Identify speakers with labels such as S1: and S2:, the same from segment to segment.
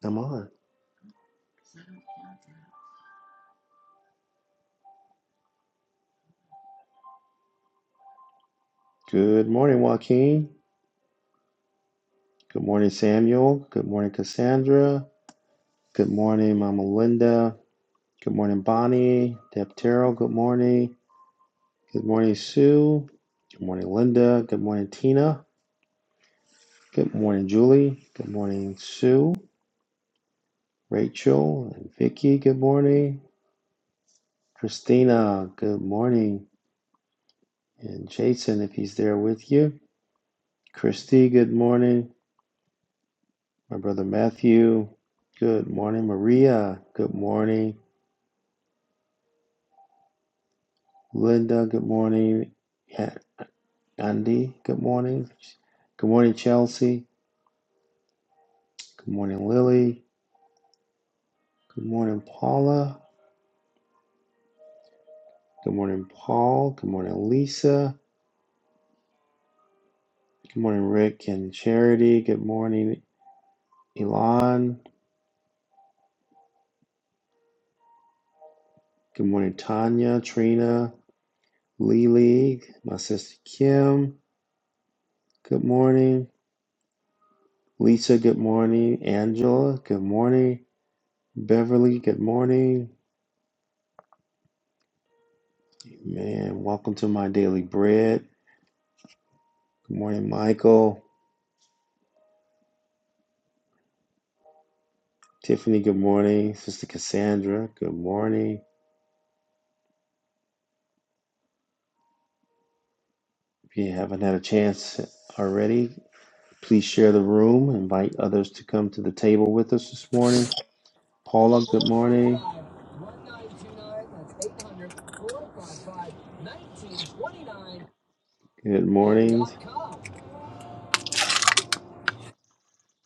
S1: I'm on. Good morning, Joaquin. Good morning, Samuel. Good morning, Cassandra. Good morning, Mama Linda. Good morning, Bonnie. Deptero, good morning. Good morning, Sue. Good morning, Linda. Good morning, Tina. Good morning, Julie. Good morning, Sue, Rachel, and Vicky. Good morning. Christina, good morning. And Jason, if he's there with you. Christy, good morning. My brother Matthew. Good morning, Maria. Good morning. Linda, good morning. Yeah, Andy, good morning. Good morning, Chelsea. Good morning, Lily. Good morning, Paula. Good morning, Paul. Good morning, Lisa. Good morning, Rick and Charity. Good morning, Elon. Good morning, Tanya, Trina, Lily, my sister Kim. Good morning, Lisa. Good morning, Angela. Good morning, Beverly. Good morning, man. Welcome to my daily bread. Good morning, Michael. Tiffany, good morning. Sister Cassandra, good morning. If you haven't had a chance already, please share the room. Invite others to come to the table with us this morning. Paula, good
S2: Four five
S1: morning.
S2: five one nine two nine. that's eight hundred four five five nineteen twenty nine
S1: Good
S2: m
S1: morning.
S2: dot com.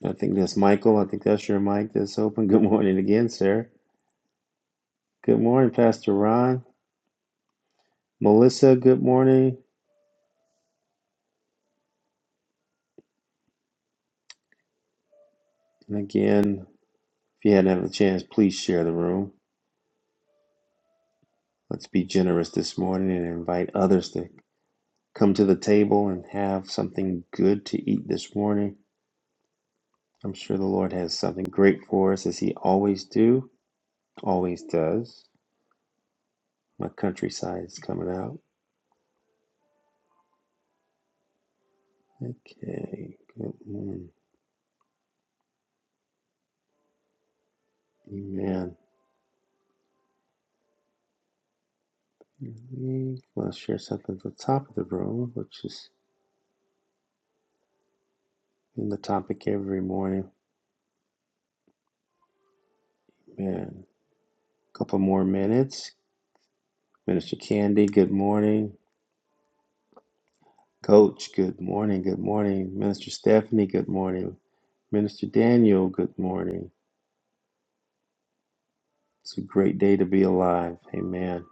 S1: I think that's Michael. I think that's your mic that's open. Good morning again, sir. Good morning, Pastor Ron. Melissa, good morning. And again, if you hadn't had a chance, please share the room. Let's be generous this morning and invite others to come to the table and have something good to eat this morning. I'm sure the Lord has something great for us as he always do, always does. My countryside is coming out. Okay. Good. morning, Amen. We want to share something at the top of the room, which is in the topic every morning. Man, a couple more minutes. Minister Candy, good morning. Coach, good morning. Good morning. Minister Stephanie, good morning. Minister Daniel, good morning. It's a great day to be alive. Amen.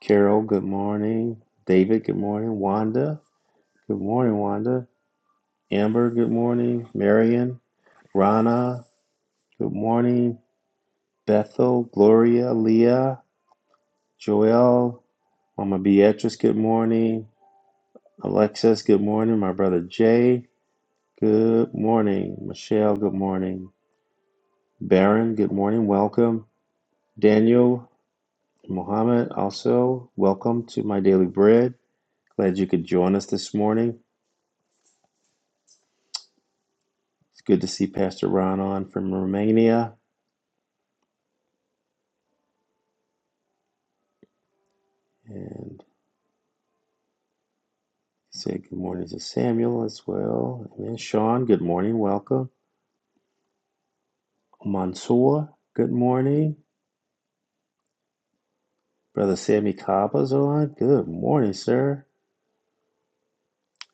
S1: Carol, good morning. David, good morning. Wanda, good morning, Wanda. Amber, good morning. Marion, Rana, good morning. Bethel, Gloria, Leah, Joel, Mama Beatrice, good morning. Alexis, good morning. My brother Jay, good morning. Michelle, good morning. Baron, good morning. Welcome. Daniel, Mohammed, also welcome to my daily bread. Glad you could join us this morning. It's good to see Pastor Ron on from Romania and say good morning to Samuel as well. Amen. Sean, good morning. Welcome. Mansoor, good morning. Brother Sammy Kaba's on. Good morning, sir.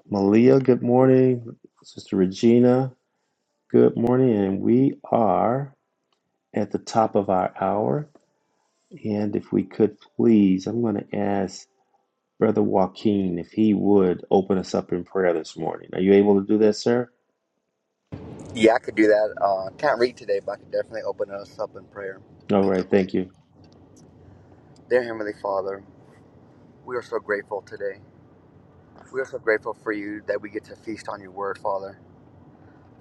S1: Malia, good morning. Sister Regina, good morning. And we are at the top of our hour. And if we could please, I'm going to ask Brother Joaquin, if he would open us up in prayer this morning. Are you able to do that, sir?
S3: Yeah, I could do that. Uh, can't read today, but I could definitely open us up in prayer.
S1: All right, thank you.
S3: Dear Heavenly Father, we are so grateful today. We are so grateful for you that we get to feast on your word, Father.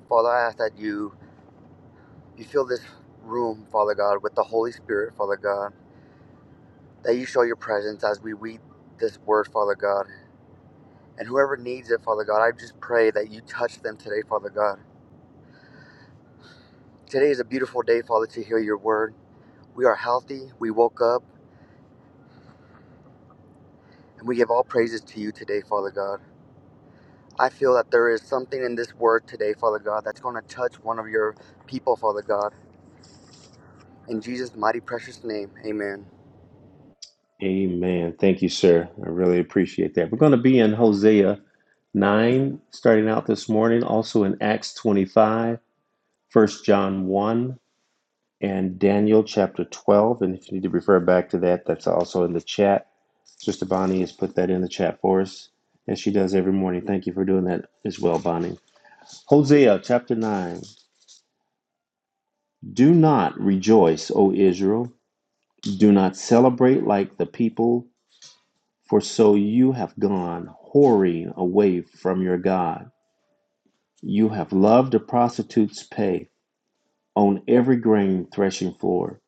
S3: Father, I ask that you you fill this room, Father God, with the Holy Spirit, Father God, that you show your presence as we read this word, Father God. And whoever needs it, Father God, I just pray that you touch them today, Father God. Today is a beautiful day, Father, to hear your word. We are healthy. We woke up, and we give all praises to you today, Father God. I feel that there is something in this word today, Father God, that's going to touch one of your people, Father God. In Jesus' mighty precious name, amen.
S1: Amen. Thank you, sir. I really appreciate that. We're going to be in Hosea 9 starting out this morning, also in Acts 25, First John 1, and Daniel chapter 12. And if you need to refer back to that, that's also in the chat. Sister Bonnie has put that in the chat for us, as she does every morning. Thank you for doing that as well, Bonnie. Hosea chapter 9. Do not rejoice, O Israel. Do not celebrate like the people, for so you have gone whoring away from your God. You have loved a prostitute's pay on every grain threshing floor.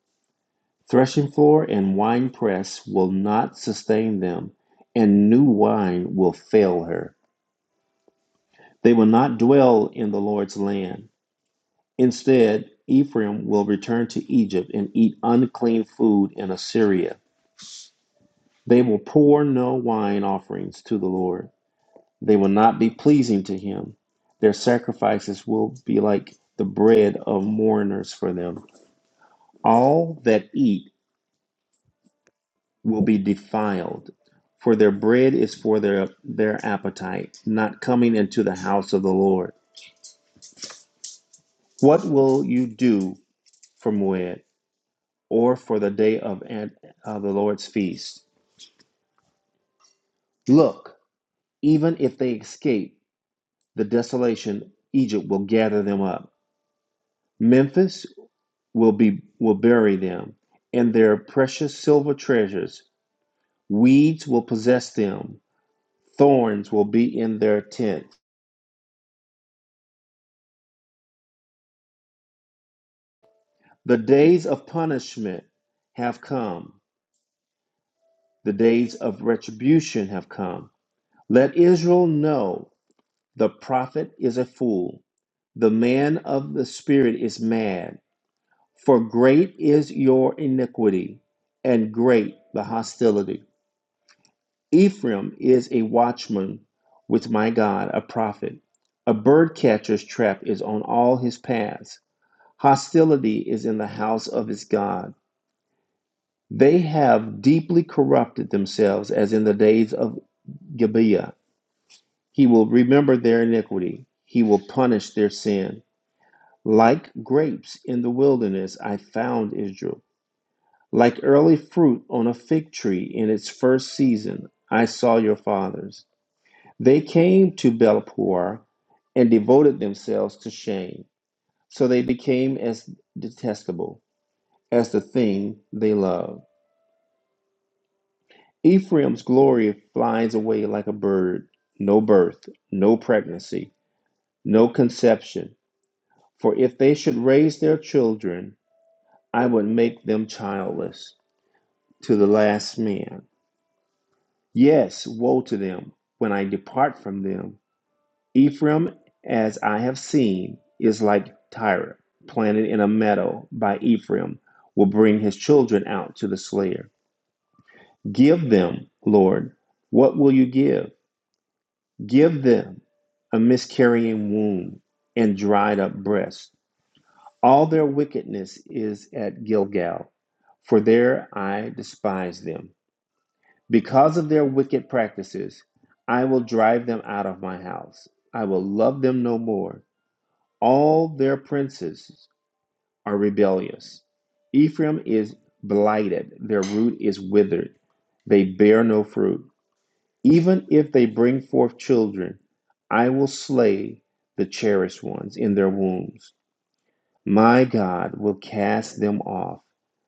S1: Threshing floor and wine press will not sustain them, and new wine will fail her. They will not dwell in the Lord's land. Instead, Ephraim will return to Egypt and eat unclean food in Assyria. They will pour no wine offerings to the Lord. They will not be pleasing to him. Their sacrifices will be like the bread of mourners for them. All that eat will be defiled, for their bread is for their, their appetite, not coming into the house of the Lord. What will you do for Moed or for the day of an- uh, the Lord's feast? Look, even if they escape the desolation, Egypt will gather them up Memphis will be will bury them and their precious silver treasures. Weeds will possess them. Thorns will be in their tents. The days of punishment have come. The days of retribution have come. Let Israel know the prophet is a fool. The man of the spirit is mad. For great is your iniquity and great the hostility. Ephraim is a watchman with my God, a prophet. A bird catcher's trap is on all his paths. Hostility is in the house of his God. They have deeply corrupted themselves as in the days of Gibeah. He will remember their iniquity. He will punish their sin. Like grapes in the wilderness, I found Israel. Like early fruit on a fig tree in its first season, I saw your fathers. They came to Belpoor and devoted themselves to shame. So they became as detestable as the thing they loved. Ephraim's glory flies away like a bird. No birth, no pregnancy, no conception. For if they should raise their children, I would make them childless to the last man. Yes, woe to them when I depart from them. Ephraim, as I have seen, is like Tyre, planted in a meadow by Ephraim, will bring his children out to the slayer. Give them, Lord, what will you give? Give them a miscarrying womb and dried up breast. All their wickedness is at Gilgal, for there I despise them. Because of their wicked practices, I will drive them out of my house. I will love them no more. All their princes are rebellious. Ephraim is blighted, their root is withered. They bear no fruit. Even if they bring forth children, I will slay the cherished ones in their wombs. My God will cast them off.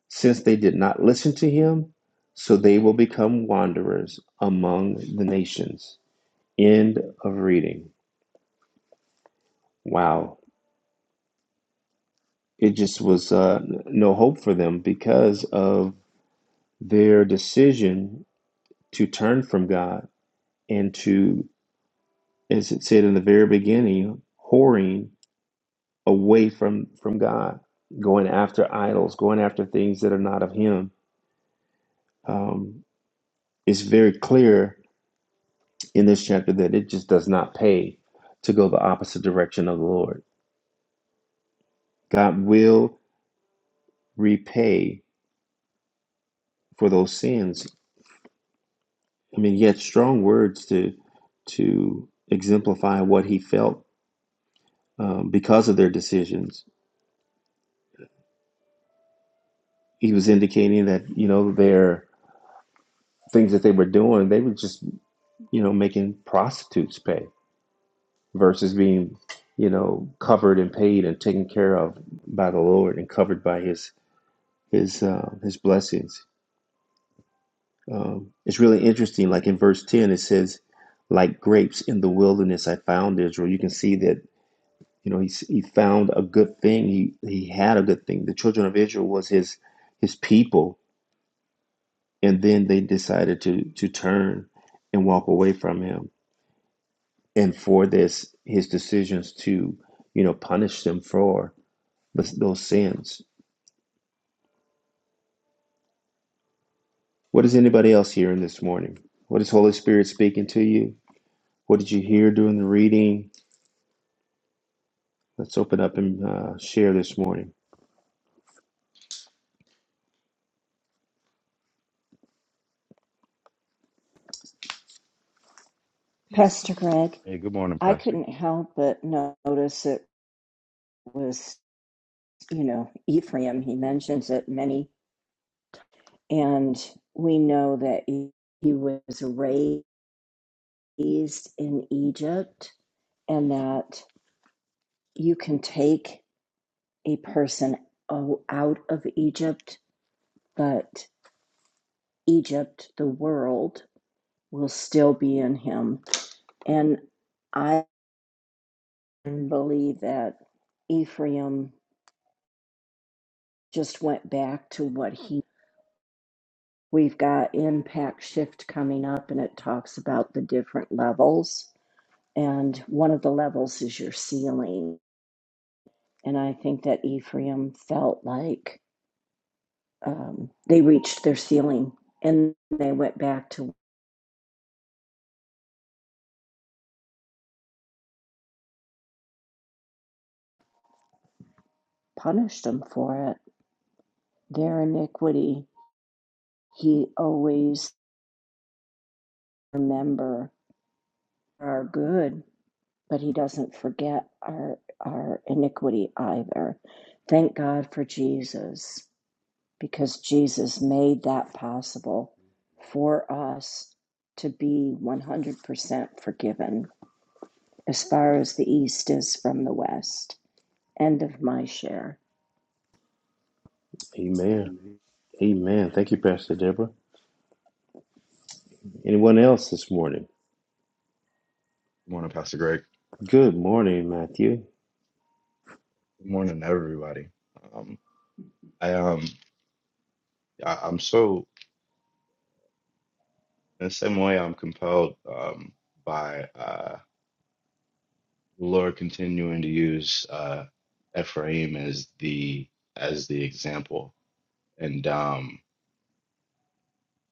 S1: Since they did not listen to him, so they will become wanderers among the nations. End of reading. Wow. It just was uh, no hope for them because of their decision to turn from God and to, as it said in the very beginning, whoring away from from God, going after idols, going after things that are not of Him. Um, it's very clear in this chapter that it just does not pay to go the opposite direction of the Lord. God will repay for those sins. I mean, he had strong words to to exemplify what he felt um, because of their decisions he was indicating that you know their things that they were doing they were just you know making prostitutes pay versus being you know covered and paid and taken care of by the lord and covered by his his uh, his blessings um, it's really interesting like in verse 10 it says like grapes in the wilderness i found israel you can see that you know he, he found a good thing he he had a good thing the children of israel was his his people and then they decided to to turn and walk away from him and for this his decisions to you know punish them for those those sins what is anybody else hearing this morning what is holy spirit speaking to you what did you hear during the reading let's open up and uh, share this morning
S4: Pastor Greg,
S5: Hey, good morning,
S4: I
S5: Pastor. Good
S4: couldn't help but notice it was, you know, Ephraim. He mentions it many, and we know that he, he was raised in Egypt, and that you can take a person o- out of Egypt, but Egypt, the world, will still be in him. And I believe that Ephraim just went back to what he We've got Impact Shift coming up, and it talks about the different levels. And one of the levels is your ceiling. And I think that Ephraim felt like um, they reached their ceiling and they went back to punish them for it. Their iniquity, he always remember our good, but he doesn't forget our our iniquity either. Thank God for Jesus. because Jesus made that possible for us to be 100% forgiven as far as the East is from the West. End of my share.
S1: amen amen thank you pastor deborah anyone else this morning
S5: morning, Pastor Greg.
S1: good morning matthew
S5: Good morning, everybody. Um, I um, I, I'm so in the same way. I'm compelled um by uh the Lord continuing to use uh Ephraim as the as the example, and um,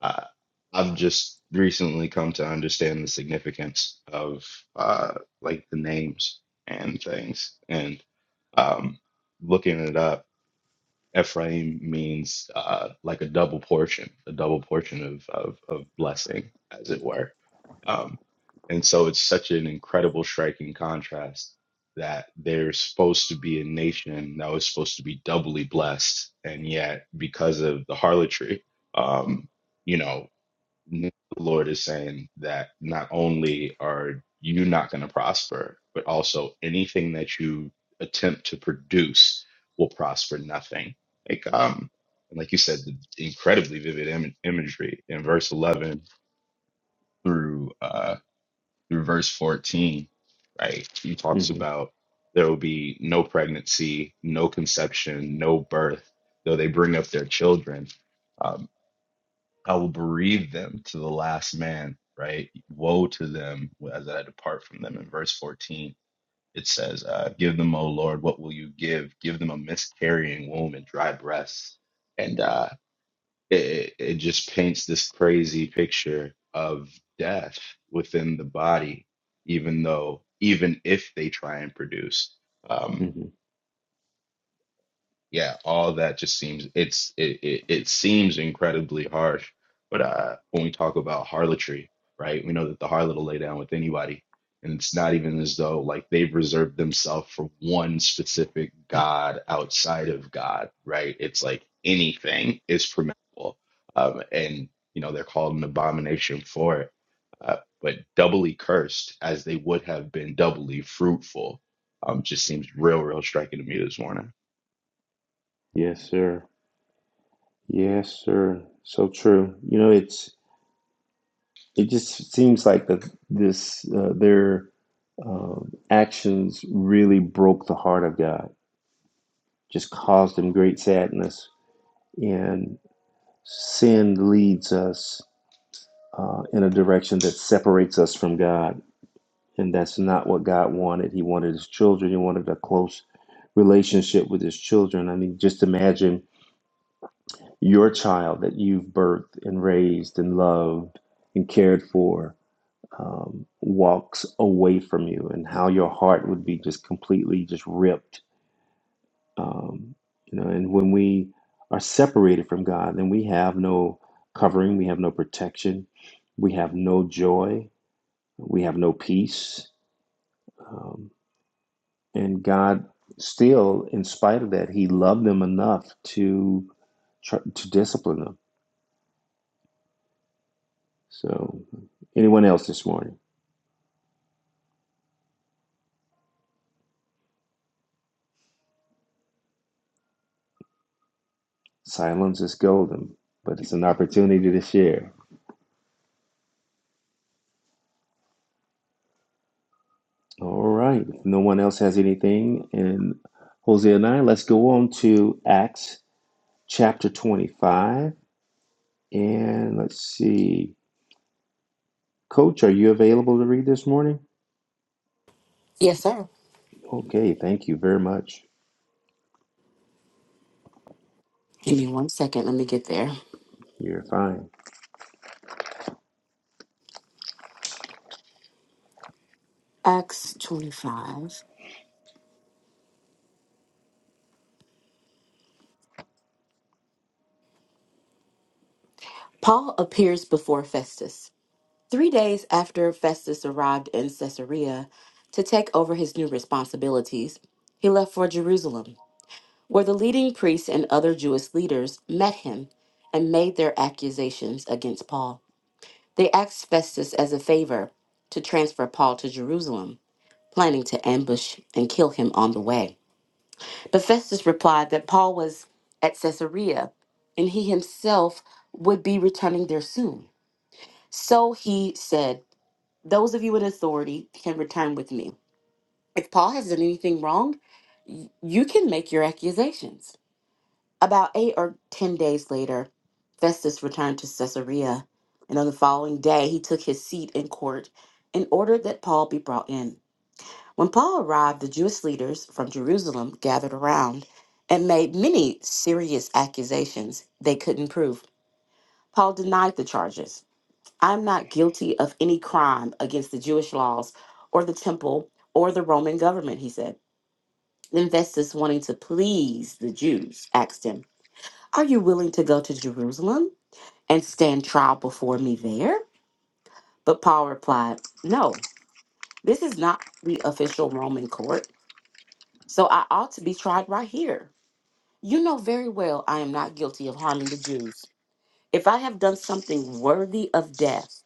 S5: I, I've just recently come to understand the significance of uh like the names and things, and um, looking it up. Ephraim means uh, like a double portion, a double portion of of, of blessing, as it were. Um, and so it's such an incredible, striking contrast that there's supposed to be a nation that was supposed to be doubly blessed, and yet because of the harlotry, um, you know the Lord is saying that not only are you not going to prosper, but also anything that you attempt to produce will prosper nothing. Like um, and like you said, the incredibly vivid Im- imagery in verse eleven through uh through verse fourteen, right? He talks
S1: hmm
S5: about there will be no pregnancy, no conception, no birth, though they bring up their children. Um, I will bereave them to the last man, right? Woe to them as I depart from them. In verse 14, it says, uh, Give them, O Lord, what will you give? Give them a miscarrying womb and dry breasts. And uh, it, it it just paints this crazy picture of death within the body, even though, even if they try and produce. Um,
S1: hmm
S5: yeah, all that just seems it's it it, it seems incredibly harsh. But uh, when we talk about harlotry, right, we know that the harlot will lay down with anybody, and it's not even as though like they've reserved themselves for one specific god outside of God, right? It's like anything is permissible, um, and you know they're called an abomination for it. Uh, but doubly cursed as they would have been doubly fruitful, um, just seems real, real striking to me this morning.
S1: yes sir yes sir so true you know it's It just seems like that this uh, their um, actions really broke the heart of God, just caused him great sadness. And sin leads us uh, in a direction that separates us from God. And that's not what God wanted. He wanted his children, he wanted a close relationship with his children. I mean, just imagine your child that you've birthed and raised and loved and cared for. um, walks away from you and how your heart would be just completely just ripped um, you know and when we are separated from god then we have no covering we have no protection we have no joy we have no peace um, and god still in spite of that he loved them enough to try, to discipline them so anyone else this morning silence is golden but it's an opportunity to share All right. If no one else has anything, and Jose and I, let's go on to Acts chapter 25. And let's see. Coach, are you available to read this morning?
S6: Yes, sir.
S1: Okay. Thank you very much.
S6: Give me one second. Let me get there.
S1: You're fine.
S6: Acts 25. Paul appears before Festus. Three days after Festus arrived in Caesarea to take over his new responsibilities, he left for Jerusalem, where the leading priests and other Jewish leaders met him and made their accusations against Paul. They asked Festus as a favor to transfer Paul to Jerusalem, planning to ambush and kill him on the way. But Festus replied that Paul was at Caesarea and he himself would be returning there soon. So he said, Those of you in authority can return with me. If Paul has done anything wrong, y- you can make your accusations. About eight or ten days later, Festus returned to Caesarea, and on the following day he took his seat in court and ordered that Paul be brought in. When Paul arrived, the Jewish leaders from Jerusalem gathered around and made many serious accusations they couldn't prove. Paul denied the charges. I'm not guilty of any crime against the Jewish laws or the temple or the Roman government, he said. Then Festus, wanting to please the Jews, asked him, Are you willing to go to Jerusalem and stand trial before me there? But Paul replied, No, this is not the official Roman court, so I ought to be tried right here You know very well I am not guilty of harming the Jews. If I have done something worthy of death,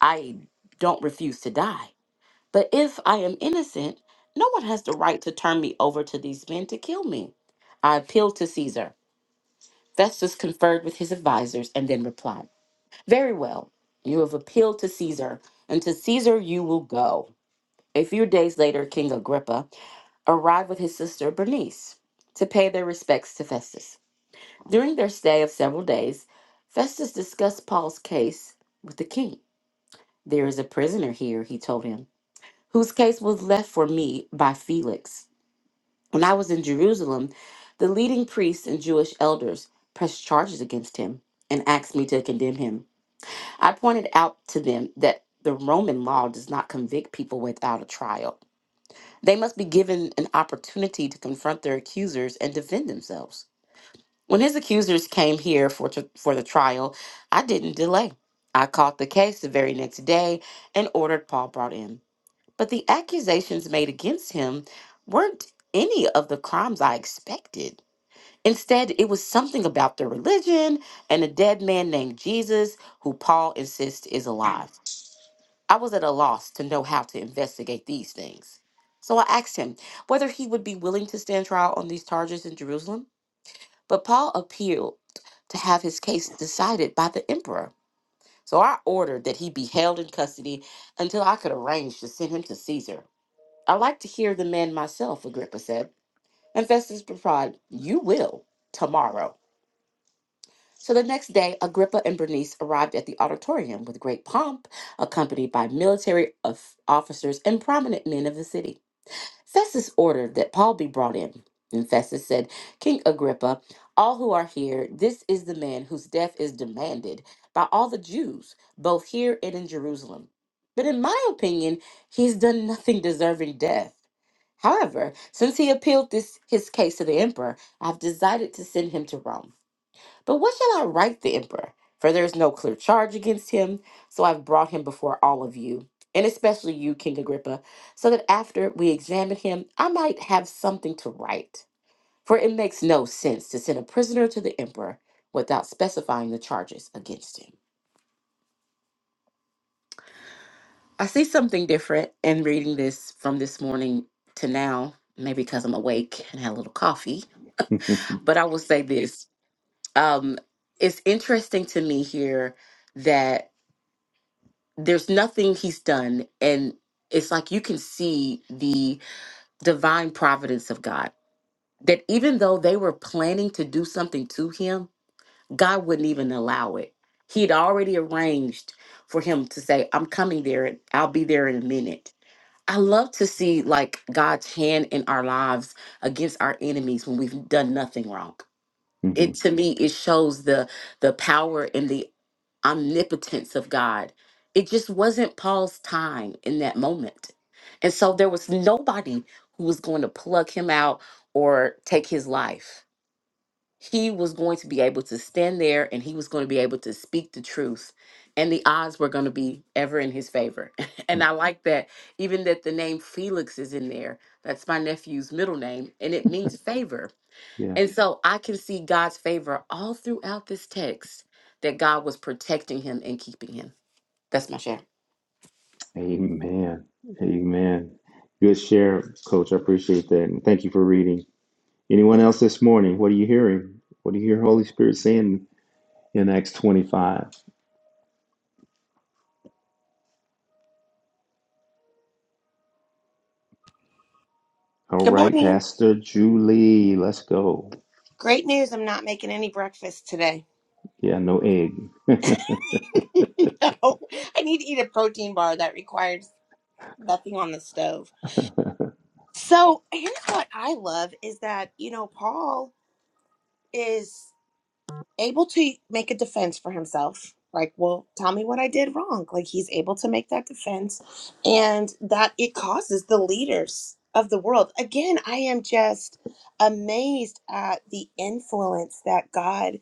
S6: I don't refuse to die. But if I am innocent, no one has the right to turn me over to these men to kill me. I appealed to Caesar. Festus conferred with his advisors and then replied, Very well, you have appealed to Caesar, and to Caesar you will go. A few days later, King Agrippa arrived with his sister Bernice to pay their respects to Festus. During their stay of several days, Festus discussed Paul's case with the king. There is a prisoner here, he told him, whose case was left for me by Felix. When I was in Jerusalem, the leading priests and Jewish elders pressed charges against him and asked me to condemn him. I pointed out to them that the Roman law does not convict people without a trial. They must be given an opportunity to confront their accusers and defend themselves. When his accusers came here for, tr for the trial, I didn't delay. I caught the case the very next day and ordered Paul brought in. But the accusations made against him weren't any of the crimes I expected. Instead, it was something about their religion and a dead man named Jesus who Paul insists is alive. I was at a loss to know how to investigate these things. So I asked him whether he would be willing to stand trial on these charges in Jerusalem. But Paul appealed to have his case decided by the emperor. So I ordered that he be held in custody until I could arrange to send him to Caesar. I like to hear the man myself, Agrippa said. And Festus replied, You will tomorrow. So the next day, Agrippa and Bernice arrived at the auditorium with great pomp, accompanied by military of- officers and prominent men of the city. Festus ordered that Paul be brought in. And Festus said, King Agrippa, all who are here, this is the man whose death is demanded by all the Jews, both here and in Jerusalem. But in my opinion, he has done nothing deserving death. However, since he appealed this his case to the emperor, I've decided to send him to Rome. But what shall I write the emperor? For there is no clear charge against him, so I've brought him before all of you, and especially you, King Agrippa, so that after we examine him, I might have something to write. For it makes no sense to send a prisoner to the emperor without specifying the charges against him. I see something different in reading this from this morning to now, maybe because I'm awake and had a little coffee. But I will say this um, it's interesting to me here that. there's nothing he's done and it's like you can see the divine providence of god that even though they were planning to do something to him god wouldn't even allow it he had already arranged for him to say i'm coming there and i'll be there in a minute i love to see like god's hand in our lives against our enemies when we've done nothing wrong it to me it shows the the power and the omnipotence of God. It just wasn't Paul's time in that moment. And so there was nobody who was going to plug him out or take his life. He was going to be able to stand there and he was going to be able to speak the truth. And the odds were going to be ever in his favor. and I like that, even that the name Felix is in there. That's my nephew's middle name, and it means favor
S1: yeah.
S6: and so I can see God's favor all throughout this text that God was protecting him and keeping him. That's my share.
S1: Amen. Amen. Good share, Coach. I appreciate that. And thank you for reading. Anyone else this morning? What are you hearing? What do you hear Holy Spirit saying in Acts 25? All
S7: Good
S1: right,
S7: morning.
S1: Pastor Julie, let's go.
S7: Great news. I'm not making any breakfast today.
S1: Yeah, no egg.
S7: no, I need to eat a protein bar that requires nothing on the stove. So, here's what I love is that, you know, Paul is able to make a defense for himself. Like, well, tell me what I did wrong. Like, he's able to make that defense and that it causes the leaders of the world. Again, I am just amazed at the influence that God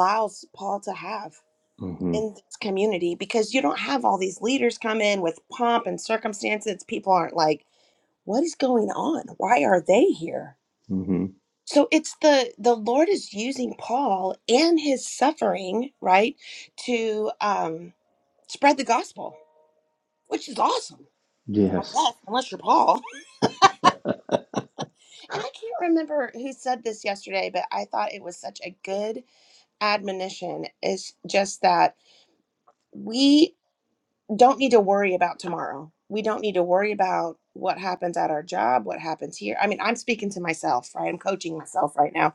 S7: allows Paul to have
S1: hmm
S7: in this community because you don't have all these leaders come in with pomp and circumstances people aren't like what is going on why are they here
S1: hmm
S7: so it's the the lord is using paul and his suffering right to um spread the gospel which is awesome i
S1: Yes.
S7: guess unless you're paul and i can't remember who said this yesterday but i thought it was such a good admonition is just that we don't need to worry about tomorrow. We don't need to worry about what happens at our job, what happens here. I mean, I'm speaking to myself, right? I'm coaching myself right now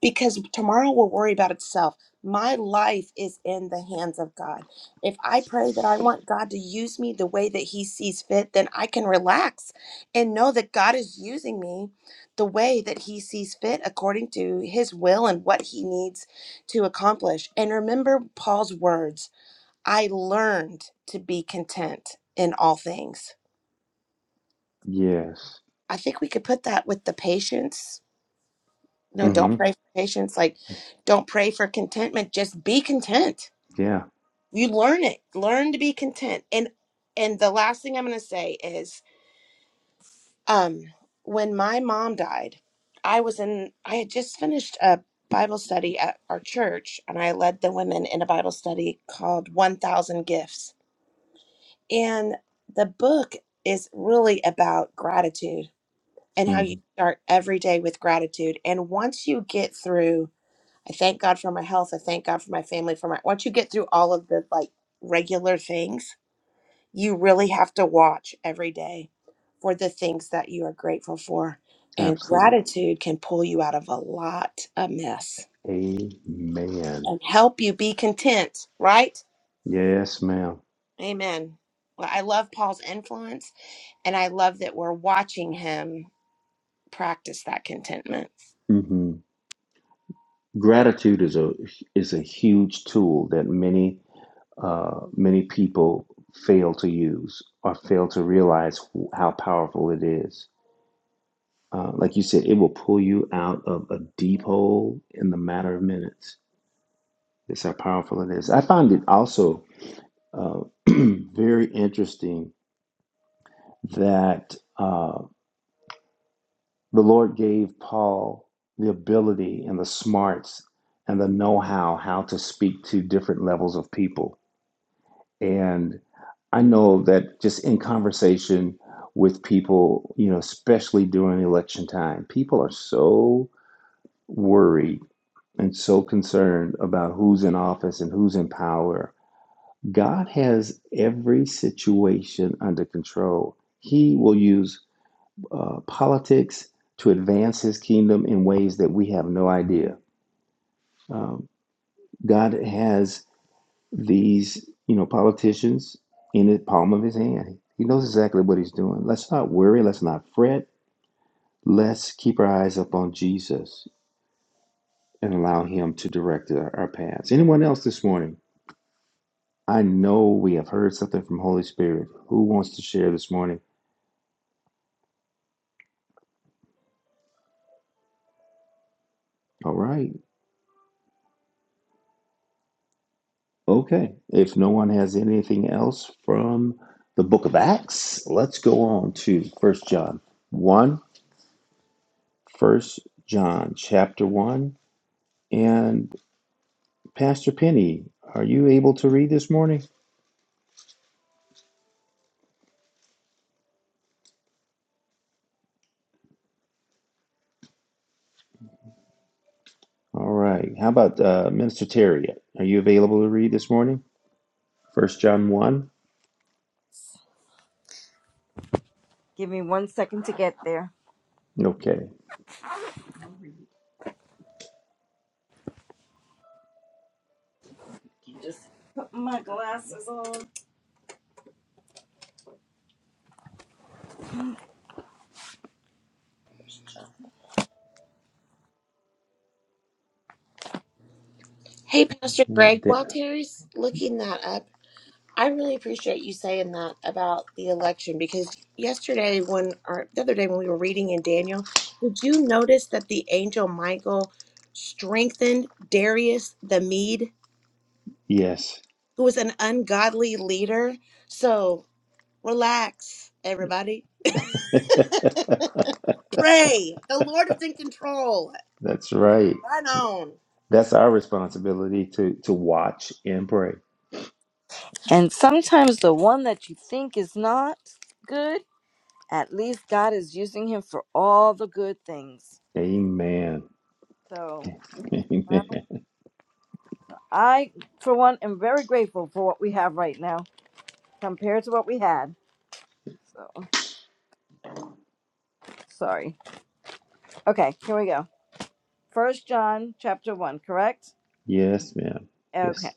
S7: because tomorrow will worry about itself. My life is in the hands of God. If I pray that I want God to use me the way that He sees fit, then I can relax and know that God is using me the way that He sees fit according to His will and what He needs to accomplish. And remember Paul's words I learned to be content in all things.
S1: Yes.
S7: I think we could put that with the patience. No,
S1: hmm
S7: don't pray for patience. Like, don't pray for contentment. Just be content.
S1: Yeah.
S7: You learn it. Learn to be content. And and the last thing I'm going to say is, um, when my mom died, I was in. I had just finished a Bible study at our church, and I led the women in a Bible study called "1,000 Gifts." And the book is really about gratitude and how
S1: hmm
S7: you start every day with gratitude. And once you get through, I thank God for my health, I thank God for my family, for my once you get through all of the like regular things, you really have to watch every day for the things that you are grateful for. And
S1: Absolutely.
S7: gratitude can pull you out of a lot of mess
S1: Amen.
S7: and help you be content, right?
S1: Yes, ma'am.
S7: Amen. Well, I love Paul's influence and I love that we're watching him practice that contentment.
S1: hmm Gratitude is a is a huge tool that many uh, many people fail to use or fail to realize wh- how powerful it is. Uh, like you said, it will pull you out of a deep hole in the matter of minutes That's how powerful it is. I found it also uh, very interesting that uh, the Lord gave Paul the ability and the smarts and the know how how to speak to different levels of people. And I know that just in conversation with people, you know, especially during election time, people are so worried and so concerned about who's in office and who's in power God has every situation under control. He will use uh, politics to advance his kingdom in ways that we have no idea. Um, God has these, you know, politicians in the palm of his hand. He knows exactly what he's doing. Let's not worry. Let's not fret. Let's keep our eyes up on Jesus and allow him to direct our, our paths. Anyone else this morning? I know we have heard something from Holy Spirit. Who wants to share this morning? All right. Okay, if no one has anything else from the book of Acts, let's go on to First John 1, 1 John chapter 1. And Pastor Penny, are you able to read this morning? All right, how about uh, Minister Terry? Are you available to read this morning? First John 1?
S8: Give me one second to get there.
S1: Okay.
S8: Put my glasses on.
S7: Hey, Pastor
S1: Yeah,
S7: Greg, while Terry's looking that up, I really appreciate you saying that about the election because yesterday, when or the other day when we were reading in Daniel, did you notice that the angel Michael strengthened Darius the Mede,
S1: yes,
S7: who was an ungodly leader? So Relax, everybody. Pray. The Lord is in control.
S1: that's right.
S7: Right on.
S1: That's our responsibility to, to watch and pray.
S8: And sometimes the one that you think is not good, at least God is using him for all the good things.
S1: Amen.
S8: So well,
S1: Amen.
S8: I, for one, am very grateful for what we have right now compared to what we had. So sorry. Okay, here we go. First John chapter one, correct?
S1: Yes, ma'am.
S8: Okay.
S1: Yes.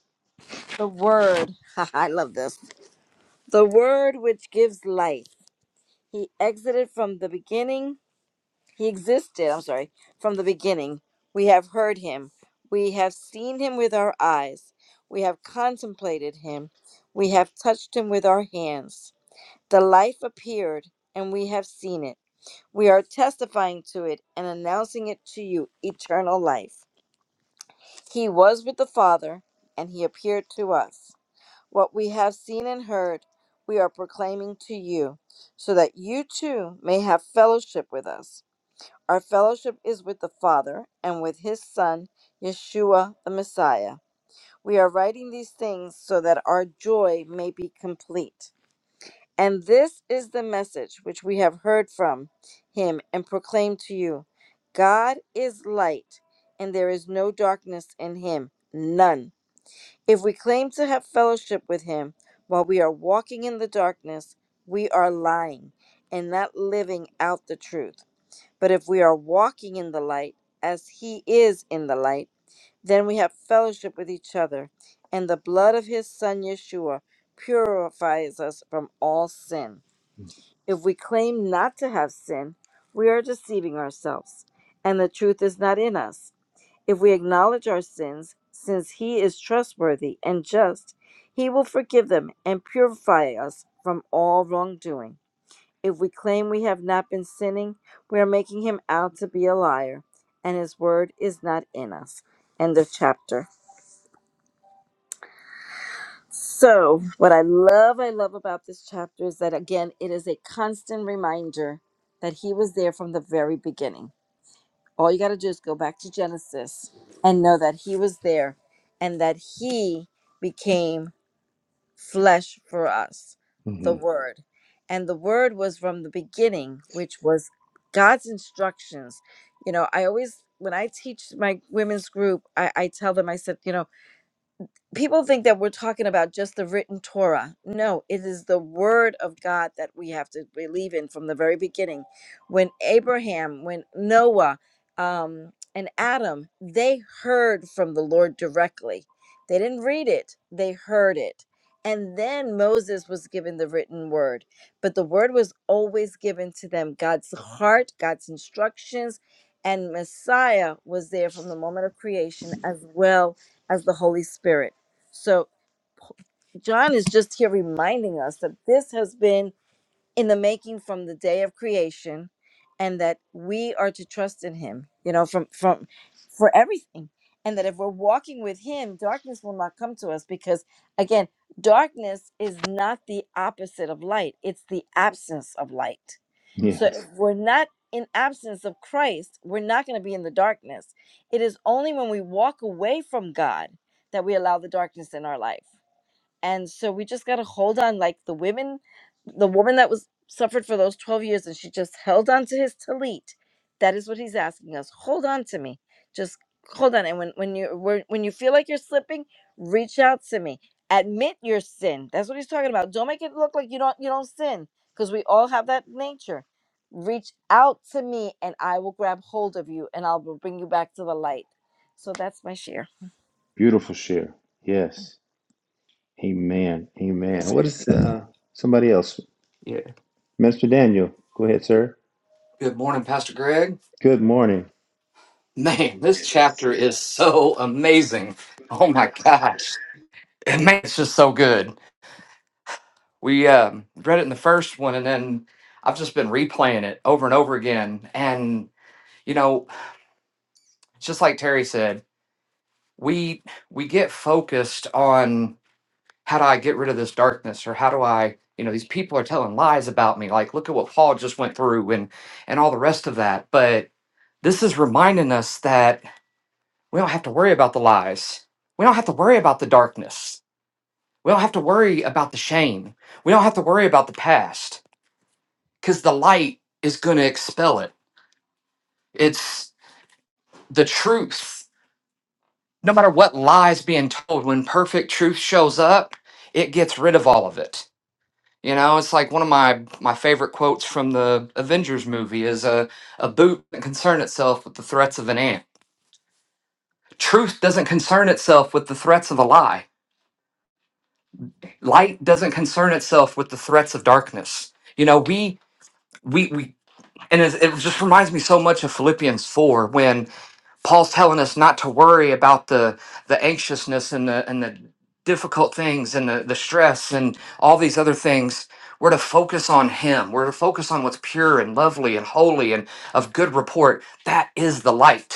S8: The word. I love this. The word which gives life. He exited from the beginning He existed, I'm sorry, from the beginning. We have heard him. We have seen him with our eyes. We have contemplated him. We have touched him with our hands. The life appeared, and we have seen it. We are testifying to it and announcing it to you eternal life. He was with the Father, and he appeared to us. What we have seen and heard, we are proclaiming to you, so that you too may have fellowship with us. Our fellowship is with the Father and with his Son, Yeshua the Messiah. We are writing these things so that our joy may be complete. And this is the message which we have heard from him and proclaimed to you God is light, and there is no darkness in him, none. If we claim to have fellowship with him while we are walking in the darkness, we are lying and not living out the truth. But if we are walking in the light, as he is in the light, then we have fellowship with each other, and the blood of his son Yeshua purifies us from all sin. If we claim not to have sin, we are deceiving ourselves, and the truth is not in us. If we acknowledge our sins, since he is trustworthy and just, he will forgive them and purify us from all wrongdoing. If we claim we have not been sinning, we are making him out to be a liar, and his word is not in us. End of chapter. So, what I love, I love about this chapter is that again, it is a constant reminder that he was there from the very beginning. All you got to do is go back to Genesis and know that he was there and that he became flesh for us, the
S1: hmm
S8: Word. And the Word was from the beginning, which was God's instructions. You know, I always, when I teach my women's group, I, I tell them, I said, you know, people think that we're talking about just the written Torah. No, it is the word of God that we have to believe in from the very beginning. When Abraham, when Noah, um, and Adam, they heard from the Lord directly. They didn't read it, they heard it. And then Moses was given the written word. But the word was always given to them God's heart, God's instructions, and Messiah was there from the moment of creation as well as the Holy Spirit. So John is just here reminding us that this has been in the making from the day of creation and that we are to trust in him, you know, from from for everything. And that if we're walking with him, darkness will not come to us because again, darkness is not the opposite of light. It's the absence of light. So if Yeah.
S1: Yes.
S8: we're not in absence of Christ, we're not going to be in the darkness. It is only when we walk away from God that we allow the darkness in our life and so we just got to hold on like the women the woman that was suffered for those 12 years and she just held on to his talit that is what he's asking us hold on to me just hold on and when when you when when you feel like you're slipping reach out to me admit your sin that's what he's talking about don't make it look like you don't you don't sin because we all have that nature reach out to me and i will grab hold of you and i'll bring you back to the light so that's my share
S1: Beautiful share. Yes. Amen. Amen. What is uh somebody else?
S9: Yeah.
S1: Mister Daniel. Go ahead, sir.
S9: Good morning, Pastor Greg.
S1: Good morning.
S9: Man, this chapter is so amazing. Oh my gosh. And man, it's just so good. We um, read it in the first one, and then I've just been replaying it over and over again. And you know, just like Terry said, we we get focused on how do I get rid of this darkness, or how do I, you know, these people are telling lies about me. Like, look at what Paul just went through, and and all the rest of that. But this is reminding us that We don't have to worry about the lies. We don't have to worry about the darkness. We don't have to worry about the shame. We don't have to worry about the past because the light is going to expel it. It's the truth. No matter what lies being told, when perfect truth shows up, it gets rid of all of it. You know, it's like one of my, my favorite quotes from the Avengers movie is a, a boot doesn't concern itself with the threats of an ant. Truth doesn't concern itself with the threats of a lie light doesn't concern itself with the threats of darkness you know we we we and it, it just reminds me so much of philippians 4 when paul's telling us not to worry about the the anxiousness and the and the difficult things and the, the stress and all these other things we're to focus on him we're to focus on what's pure and lovely and holy and of good report that is the light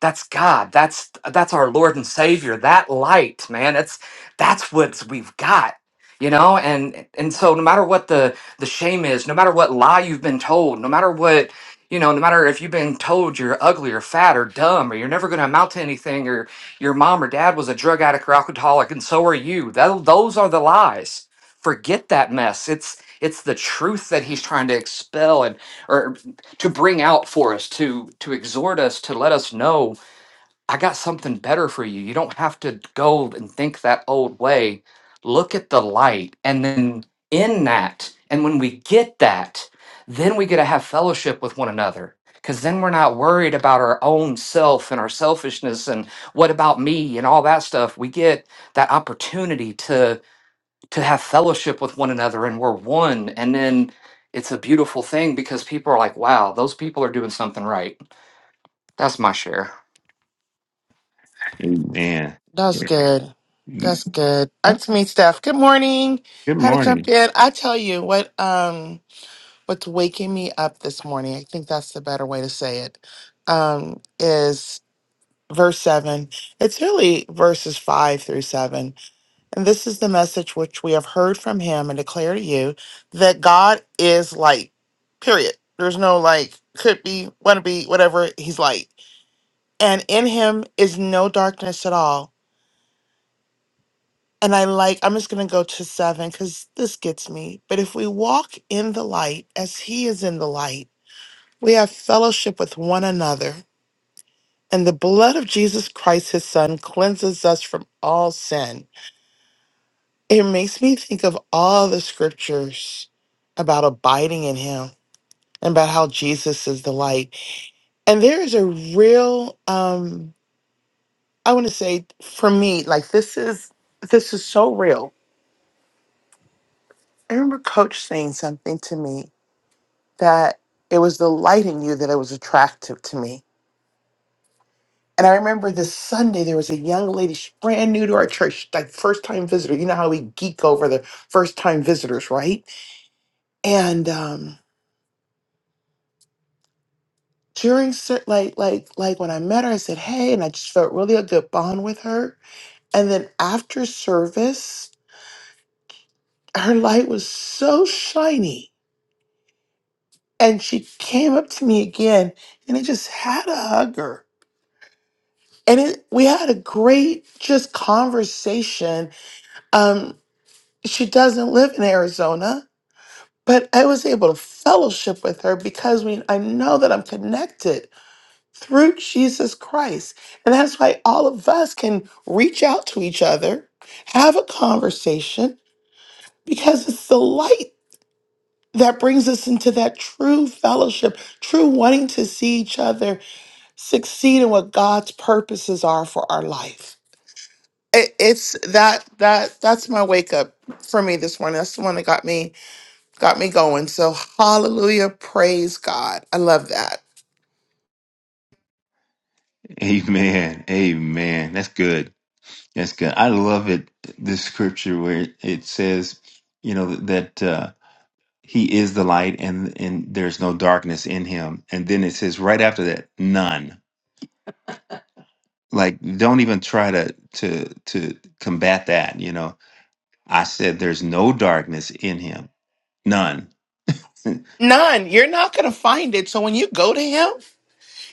S9: that's God. That's that's our Lord and Savior. That light, man. It's that's what we've got. You know, and and so no matter what the the shame is, no matter what lie you've been told, no matter what you know, no matter if you've been told you're ugly or fat or dumb or you're never going to amount to anything or your mom or dad was a drug addict or alcoholic and so are you. Tho- those are the lies. Forget that mess. It's it's the truth that he's trying to expel and or to bring out for us to to exhort us to let us know I got something better for you. You don't have to go and think that old way. Look at the light. And then in that, and when we get that, then we get to have fellowship with one another. Because then we're not worried about our own self and our selfishness and what about me and all that stuff. We get that opportunity to to have fellowship with one another and we're one. And then it's a beautiful thing because people are like, wow, those people are doing something right. That's my share.
S1: Amen.
S10: That's good.
S1: Yeah.
S10: That's good.
S1: Uh,
S10: That's me, Steph. Good morning.
S1: Good
S10: Had to jump
S1: morning.
S10: in. I tell you what, um, what's waking me up this morning, I think that's the better way to say it, um, is verse seven. It's really verses five through seven. And this is the message which we have heard from him and declare to you that God is light, period. There's no like, could be, want to be, whatever. He's light. And in him is no darkness at all. And I like, I'm just going to go to seven because this gets me. But if we walk in the light as he is in the light, we have fellowship with one another. And the blood of Jesus Christ, his son, cleanses us from all sin. It makes me think of all the scriptures about abiding in him and about how Jesus is the light. And there is a real, um, I want to say for me, like this is, this is so real. I remember coach saying something to me that it was the light in you that it was attractive to me. And I remember this Sunday, there was a young lady, she's brand new to our church, like first time visitor. You know how we geek over the first time visitors, right? And um, during cer- like like like when I met her, I said, "Hey," and I just felt really a good bond with her. And then after service, her light was so shiny, and she came up to me again, and I just had a hug her and it, we had a great just conversation Um, she doesn't live in Arizona, but I was able to fellowship with her because we, I know that I'm connected through Jesus Christ. And that's why all of us can reach out to each other, have a conversation, because it's the light that brings us into that true fellowship, true wanting to see each other succeed in what God's purposes are for our life. It- It's that that that's my wake up for me this morning. That's the one that got me Got me going. So, hallelujah. Praise God. I love that.
S1: Amen. Amen. That's good. That's good. I love it. This scripture where it says, you know, that uh, he is the light and and there's no darkness in him. And then it says right after that, none. like don't even try to to to combat that you know i said there's no darkness in him none
S10: None. You're not going to find it. So, when you go to Him,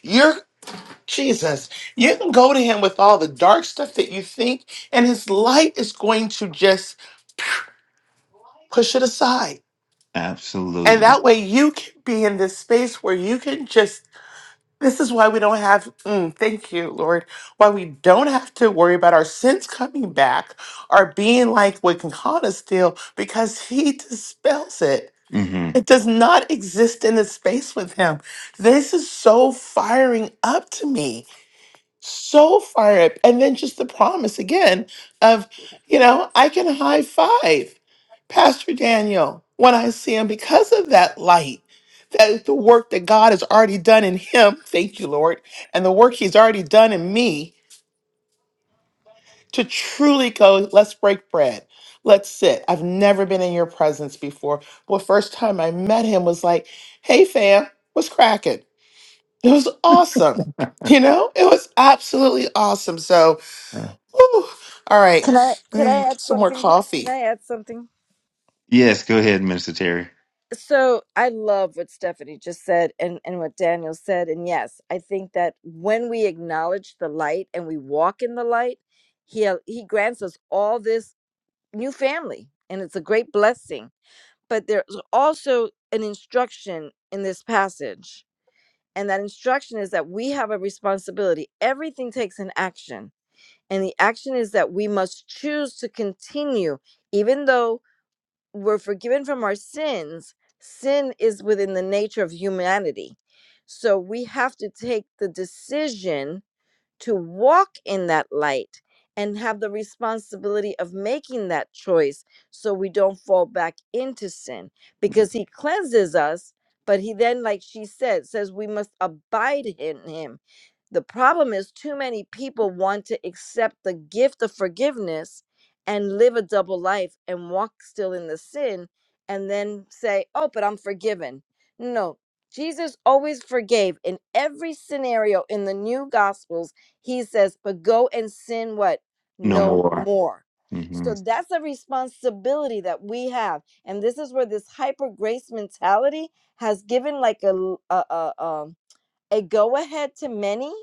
S10: you're Jesus. You can go to Him with all the dark stuff that you think, and His light is going to just push it aside. And
S1: absolutely
S10: that way you can be in this space where you can just, this is why we don't have, mm, thank you, Lord, why we don't have to worry about our sins coming back or being like what can haunt us still because He dispels it.
S1: hmm
S10: It does not exist in the space with him. This is so firing up to me. So fire up. And then just the promise again of, you know, I can high five Pastor Daniel when I see him because of that light. That is the work that God has already done in him. Thank you, Lord. And the work he's already done in me to truly go, let's break bread. Let's sit. I've never been in your presence before. Well, first time I met him was like, hey fam, what's cracking? It was awesome. You know, it was absolutely awesome. So, whew, all right,
S8: can i can
S10: eh,
S8: i add
S10: get some more
S8: something
S10: coffee.
S8: can i add something
S1: yes go ahead minister terry
S8: So I love what Stephanie just said and, and what Daniel said. And yes, I think that when we acknowledge the light and we walk in the light, he he grants us all this new family. And it's a great blessing. But there's also an instruction in this passage. And that instruction is that we have a responsibility. Everything takes an action. And the action is that we must choose to continue, even though we're forgiven from our sins. Sin is within the nature of humanity. So we have to take the decision to walk in that light and have the responsibility of making that choice so we don't fall back into sin because he cleanses us but he then like she said says we must abide in him the problem is too many people want to accept the gift of forgiveness and live a double life and walk still in the sin and then say oh but i'm forgiven no jesus always forgave in every scenario in the new gospels he says, but go and sin what?
S1: no
S8: No
S1: more
S8: more.
S1: hmm
S8: So that's a responsibility that we have. And this is where this hyper grace mentality has given like a, l- a, a, um, a go ahead to many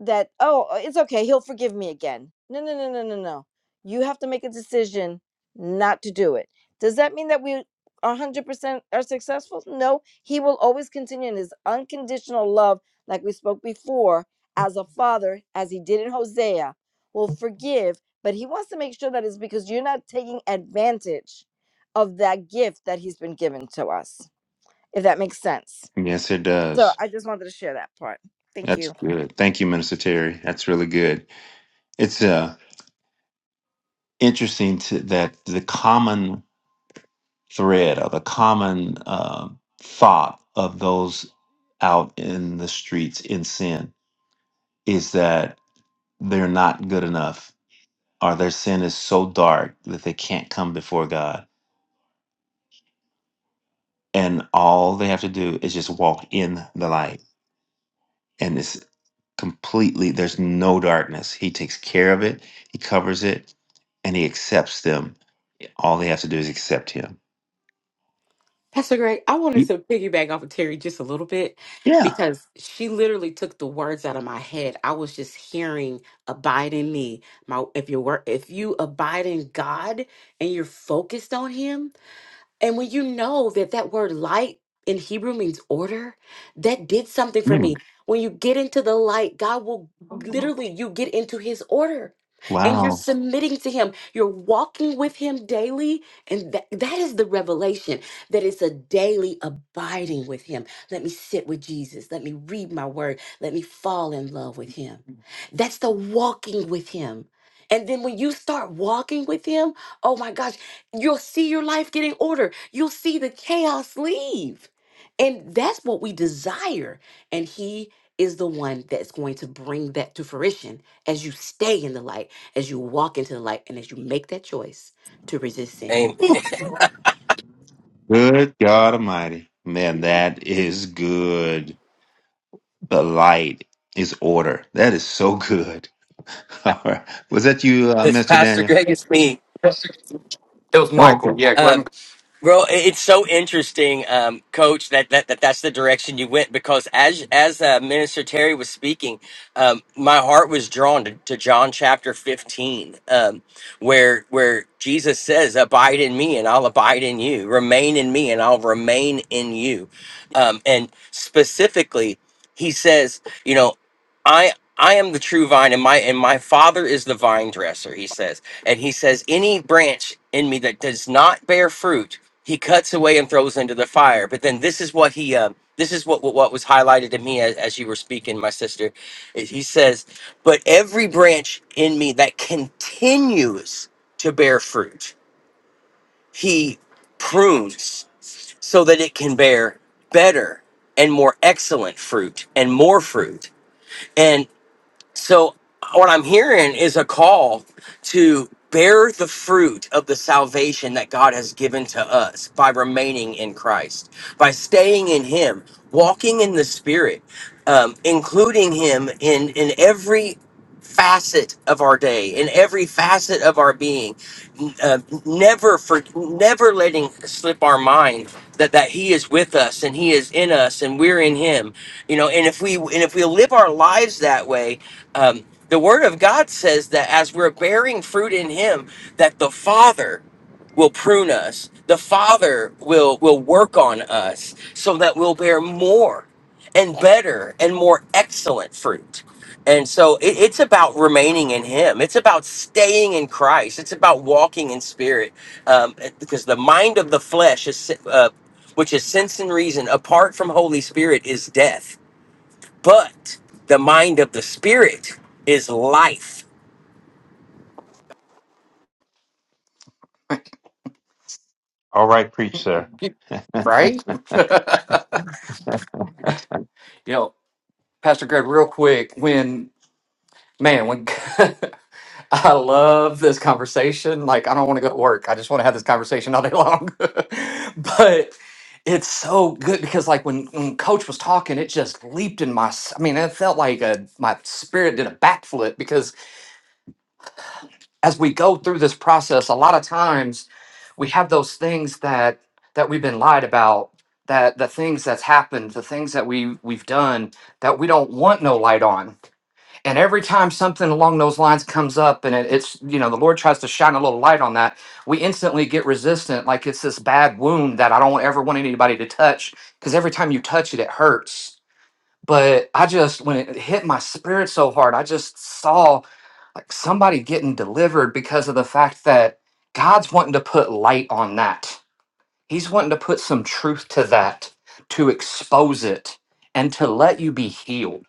S8: that oh uh, it's okay he'll forgive me again no no no no no no you have to make a decision not to do it does that mean that we 100% are successful no he will always continue in his unconditional love like we spoke before as a father as he did in hosea will forgive but he wants to make sure that it's because you're not taking advantage of that gift that he's been given to us if that makes sense
S1: yes it
S8: so
S1: does
S8: i just wanted to share that part thank you
S1: that's good thank you minister terry that's really good it's uh interesting to, that the common thread or the common uh, thought of those out in the streets in sin is that they're not good enough or their sin is so dark that they can't come before God. And all they have to do is just walk in the light. And it's completely, there's no darkness. He takes care of it, He covers it, and He accepts them. All they have to do is accept Him.
S6: Pastor Greg, I wanted
S1: Y-
S6: to piggyback off of Terry just a little bit
S1: Yeah.
S6: because she literally took the words out of my head. I was just hearing abide in me. My if you were if you abide in God and you're focused on him, And when you know that that word light in Hebrew means order, that did something for me.
S1: Mm.
S6: When you get into the light, God will literally, you get into his order and you're
S1: Wow.
S6: submitting to him. You're walking with him daily. And that, that is the revelation that it's a daily abiding with him. Let me sit with Jesus. Let me read my word. Let me fall in love with him. That's the walking with him. And then when you start walking with him, oh my gosh, You'll see your life getting order. You'll see the chaos leave. And that's what we desire. And He is the one that's going to bring that to fruition as you stay in the light, as you walk into the light, and as you make that choice to resist sin.
S11: Amen.
S1: Ooh, Good God Almighty. Man, that is good. The light is order. That is so good. All right. Was that you, uh,
S11: It's
S1: Mr.
S11: Pastor
S1: Daniel?
S11: Greg. It's me,
S9: It was
S1: Oh, okay.
S9: Michael. Yeah, Glenn
S11: um, bro. it- It's so interesting, um, Coach, that, that that that's the direction you went because as as uh, Minister Terry was speaking, um, my heart was drawn to, to John chapter fifteen, um, where where Jesus says, "Abide in me, and I'll abide in you. Remain in me, and I'll remain in you." Um, and specifically, he says, "You know, I." I am the true vine, and my and my father is the vine dresser. He says, And he says, Any branch in me that does not bear fruit, he cuts away and throws into the fire. But then this is what he, uh, this is what, what what was highlighted to me as, as you were speaking, my sister. is He says, But every branch in me that continues to bear fruit, he prunes so that it can bear better and more excellent fruit and more fruit. So what I'm hearing is a call to bear the fruit of the salvation that God has given to us by remaining in Christ, by staying in Him, walking in the Spirit, um, including Him in in every facet of our day, in every facet of our being, uh, never for never letting slip our mind that that He is with us and He is in us and we're in Him, you know. And if we and if we live our lives that way um, the Word of God says that as we're bearing fruit in Him, that the Father will prune us, the Father will will work on us, so that we'll bear more and better and more excellent fruit. And so it, it's about remaining in Him. It's about staying in Christ. It's about walking in Spirit, um, because the mind of the flesh is, uh, which is sense and reason, apart from Holy Spirit, is death but the mind of the spirit is life.
S1: All right, preach, sir.
S9: right? you know, Pastor Greg, real quick, when man, when I love this conversation. Like, I don't want to go to work. I just want to have this conversation all day long. but it's so good because, like, when when Coach was talking, it just leaped in my. s- I mean, it felt like a my spirit did a backflip as we go through this process a lot of times we have those things that that we've been lied about that the things that's happened the things that we we've done that we don't want no light on and every time something along those lines comes up and it, it's you know the lord tries to shine a little light on that we instantly get resistant like it's this bad wound that i don't ever want anybody to touch because every time you touch it it hurts but I just when it hit my spirit so hard, I just saw like somebody getting delivered because of the fact that God's wanting to put light on that. He's wanting to put some truth to that, to expose it and to let you be healed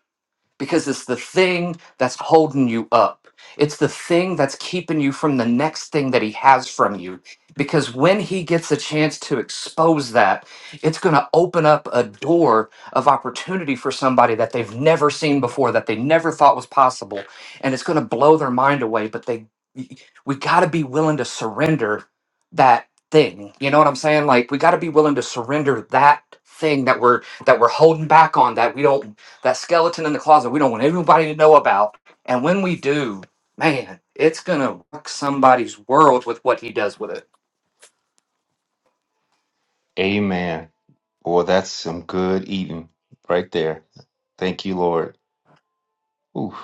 S9: because it's the thing that's holding you up. It's the thing that's keeping you from the next thing that he has from you. Because when he gets a chance to expose that, it's going to open up a door of opportunity for somebody that they've never seen before, that they never thought was possible. And it's going to blow their mind away. But they, we got to be willing to surrender that thing. You know what I'm saying? Like, we got to be willing to surrender that thing that we're that we're holding back on that we don't that skeleton in the closet we don't want everybody to know about. And when we do, man, it's going to rock somebody's world with what he does with it.
S1: Amen. Boy, that's some good eating right there. Thank you, Lord. Ooh,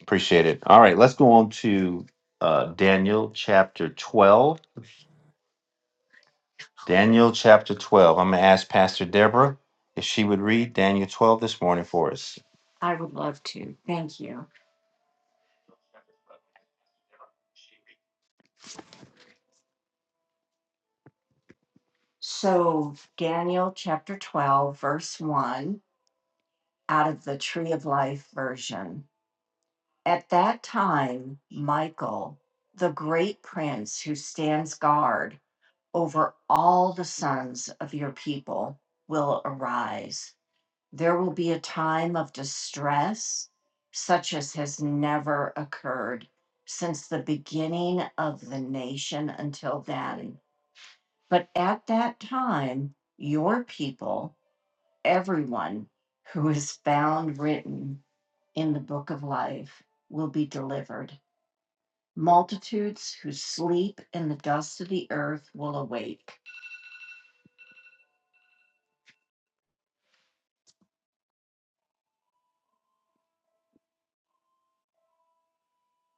S1: appreciate it. All right, let's go on to uh, Daniel chapter 12. Daniel chapter 12. I'm going to ask Pastor Deborah if she would read Daniel 12 this morning for us. I would love to. Thank you. So, Daniel chapter 12, verse 1. out of the Tree of Life version. At that time, Michael, the great prince who stands guard over all the sons of your people, will arise. There will be a time of distress such as has never occurred since the beginning of the nation until then. But at that time, your people, everyone who is found written, in the book of life will be delivered. Multitudes who sleep in the dust of the earth will awake.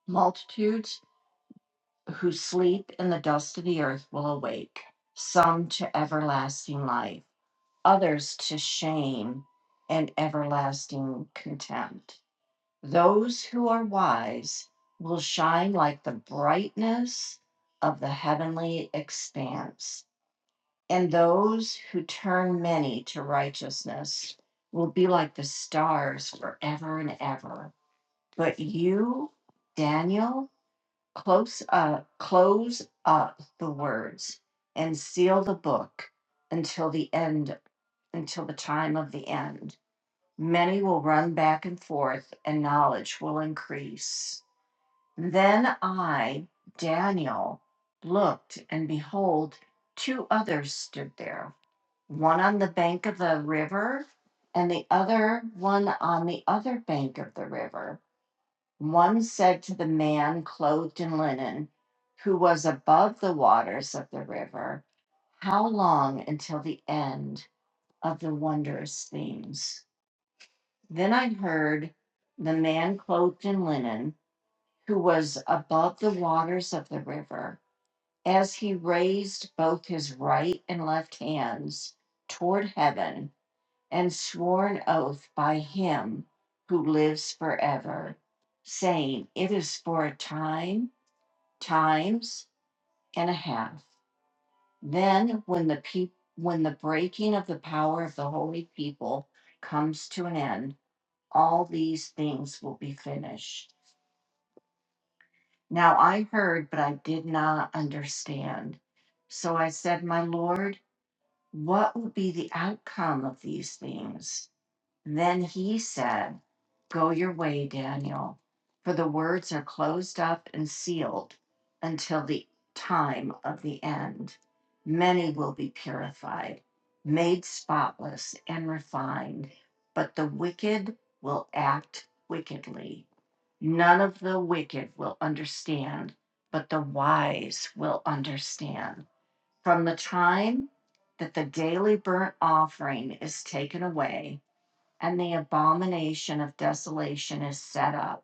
S1: Multitudes who sleep in the dust of the earth will awake, some to everlasting life, others to shame and everlasting contempt. Those who are wise will shine like the brightness of the heavenly expanse And those who turn many to righteousness will be like the stars forever and ever. But you, Daniel, close up, close up the words and seal the book until the end, until the time of the end. Many will run back and forth, and knowledge will increase. Then I, Daniel, looked, and behold, two others stood there one on the bank of the river and the other one on the other bank of the river. One said to the man clothed in linen, who was above the waters of the river, How long until the end of the wondrous things? Then I heard the man clothed in linen, who was above the waters of the river, as he raised both his right and left hands toward heaven and swore an oath by him who lives forever, saying, It is for a time, times, and a half. Then, when the peop when the breaking of the power of the holy people comes to an end, all these things will be finished. Now I heard, but I did not understand. So I said, My Lord, what will be the outcome of these things? Then he said, Go your way, Daniel, for the words are closed up and sealed until the time of the end. Many will be purified, made spotless, and refined, but the wicked will act wickedly. None of the wicked will understand, but the wise will understand. From the time that the daily burnt offering is taken away, and the abomination of desolation is set up,